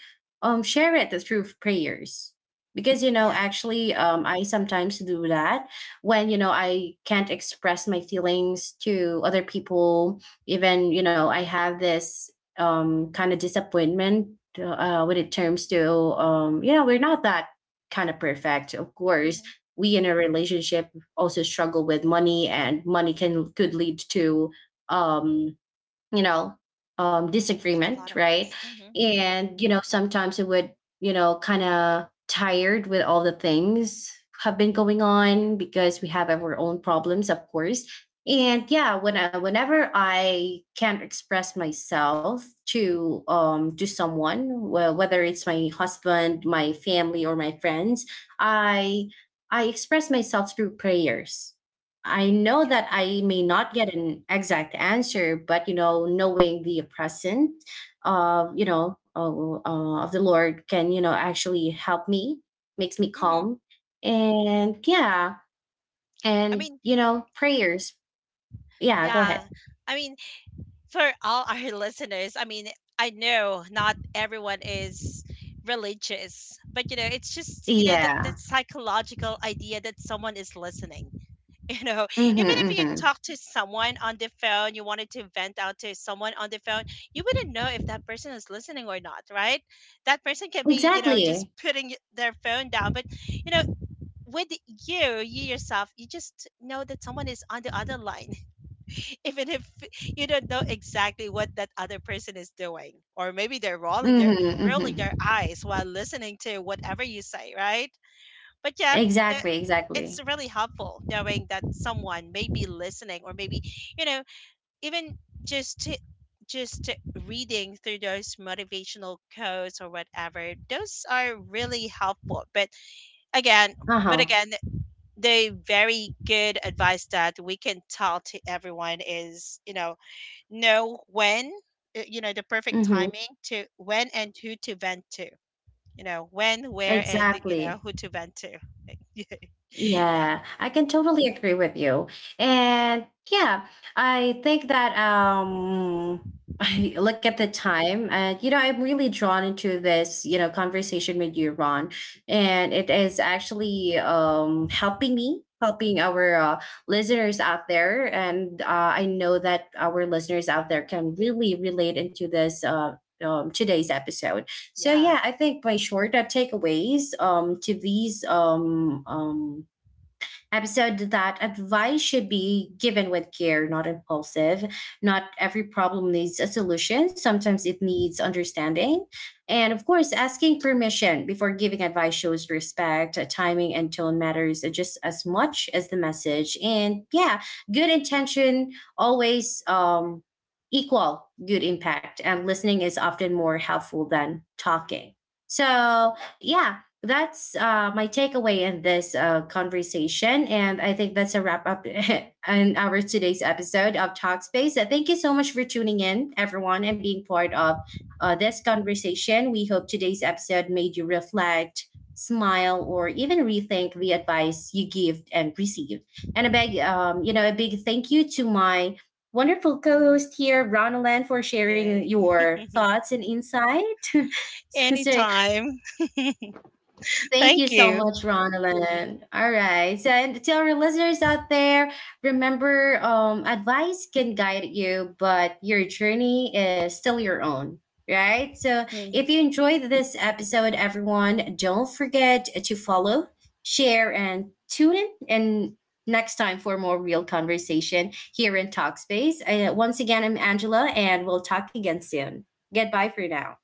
Speaker 1: share it through prayers. Because you know,
Speaker 2: Yeah.
Speaker 1: actually, I sometimes do that, when you know, I can't express my feelings to other people. Even you know, I have this kind of disappointment when it comes to, you know, we're not that kind of perfect, of course.
Speaker 2: Hmm.
Speaker 1: We in a relationship also struggle with money, and money can could lead to, um you know,
Speaker 2: A lot
Speaker 1: disagreement,
Speaker 2: of things.
Speaker 1: right?
Speaker 2: Hmm.
Speaker 1: And you know, sometimes it would, you know, kind of tired with all the things have been going on, because we have our own problems, of course. And yeah, whenever I can't express myself to, to someone, well, whether it's my husband, my family, or my friends, i I express myself through prayers. I know
Speaker 2: Yeah.
Speaker 1: that I may not get an exact answer, but you know, knowing the present of, you know, of the Lord can, you know, actually help me, makes me
Speaker 2: Hmm.
Speaker 1: calm. And yeah,
Speaker 2: i
Speaker 1: and
Speaker 2: mean
Speaker 1: you know, prayers. Yeah, go
Speaker 2: yeah.
Speaker 1: ahead.
Speaker 2: I mean, for all our [LAUGHS] listeners, I mean, I know not everyone is religious, but, you know, it's just, you know, that
Speaker 1: Yeah.
Speaker 2: psychological idea that someone is listening. You know, [LAUGHS] even
Speaker 1: Mm-hmm,
Speaker 2: if you
Speaker 1: mm-hmm.
Speaker 2: talk to someone on the phone, you wanted to vent out to someone on the phone, you wouldn't know if that person is listening or not, right? That person can be, you know, just
Speaker 1: Exactly.
Speaker 2: putting their phone down. But, you know, with you yourself, you just know that someone is on the other line, even if [LAUGHS] you don't know exactly what that other person is doing, or maybe they're
Speaker 1: Mm-hmm, mm-hmm.
Speaker 2: rolling their eyes while listening to whatever you say, right? But yeah, uh,
Speaker 1: Exactly.
Speaker 2: it's
Speaker 1: Exactly.
Speaker 2: really helpful knowing that someone may be listening, or maybe, you know, even just to just to reading through those motivational quotes or whatever, those are really helpful. But again
Speaker 1: Uh
Speaker 2: but
Speaker 1: huh.
Speaker 2: again, the very good advice that we can tell to everyone is, you know you know, the perfect
Speaker 1: Mm-hmm.
Speaker 2: timing to when and who to vent to. You know, when, where, and you know
Speaker 1: Exactly.
Speaker 2: who to vent to. [LAUGHS] Yeah, yeah.
Speaker 1: Yeah, I can totally agree with you. And yeah, I think that [LAUGHS] I look at the time, and you know, I'm really drawn into this, you know, conversation with you, Ron. And it is actually helping me, helping our listeners out there. And I know that our listeners out there can really relate into this today's episode. So
Speaker 2: Yeah.
Speaker 1: yeah, I think by short takeaways to these episode, that advice should be given with care, not impulsive. Not every problem needs a solution. Sometimes it needs understanding. And of course, asking permission before giving advice shows respect. Timing and tone matters just as much as the message. And yeah, good intention always equal good impact. And listening is often more helpful than talking. So yeah, that's my takeaway in this conversation. And I think that's a wrap up [LAUGHS] on our today's episode of Talkspace. Thank you so much for tuning in, everyone, and being part of this conversation. We hope today's episode made you reflect, smile, or even rethink the advice you give and receive. And a big, you know, a big thank you to my wonderful co-host here, Ronalan, for sharing
Speaker 2: Yay.
Speaker 1: your thoughts
Speaker 2: [LAUGHS]
Speaker 1: and insight. [LAUGHS] So
Speaker 2: Anytime. [LAUGHS]
Speaker 1: thank you
Speaker 2: Thank
Speaker 1: so
Speaker 2: you.
Speaker 1: much, Ronalyn. All right. So, and to our listeners out there, remember, advice can guide you, but your journey is still your own, right? So, if
Speaker 2: Mm.
Speaker 1: you enjoyed this episode, everyone, don't forget to follow, share, and tune in. And next time for more real conversation here in Talkspace. Once again, I'm Angela, and we'll talk again soon. Goodbye for now.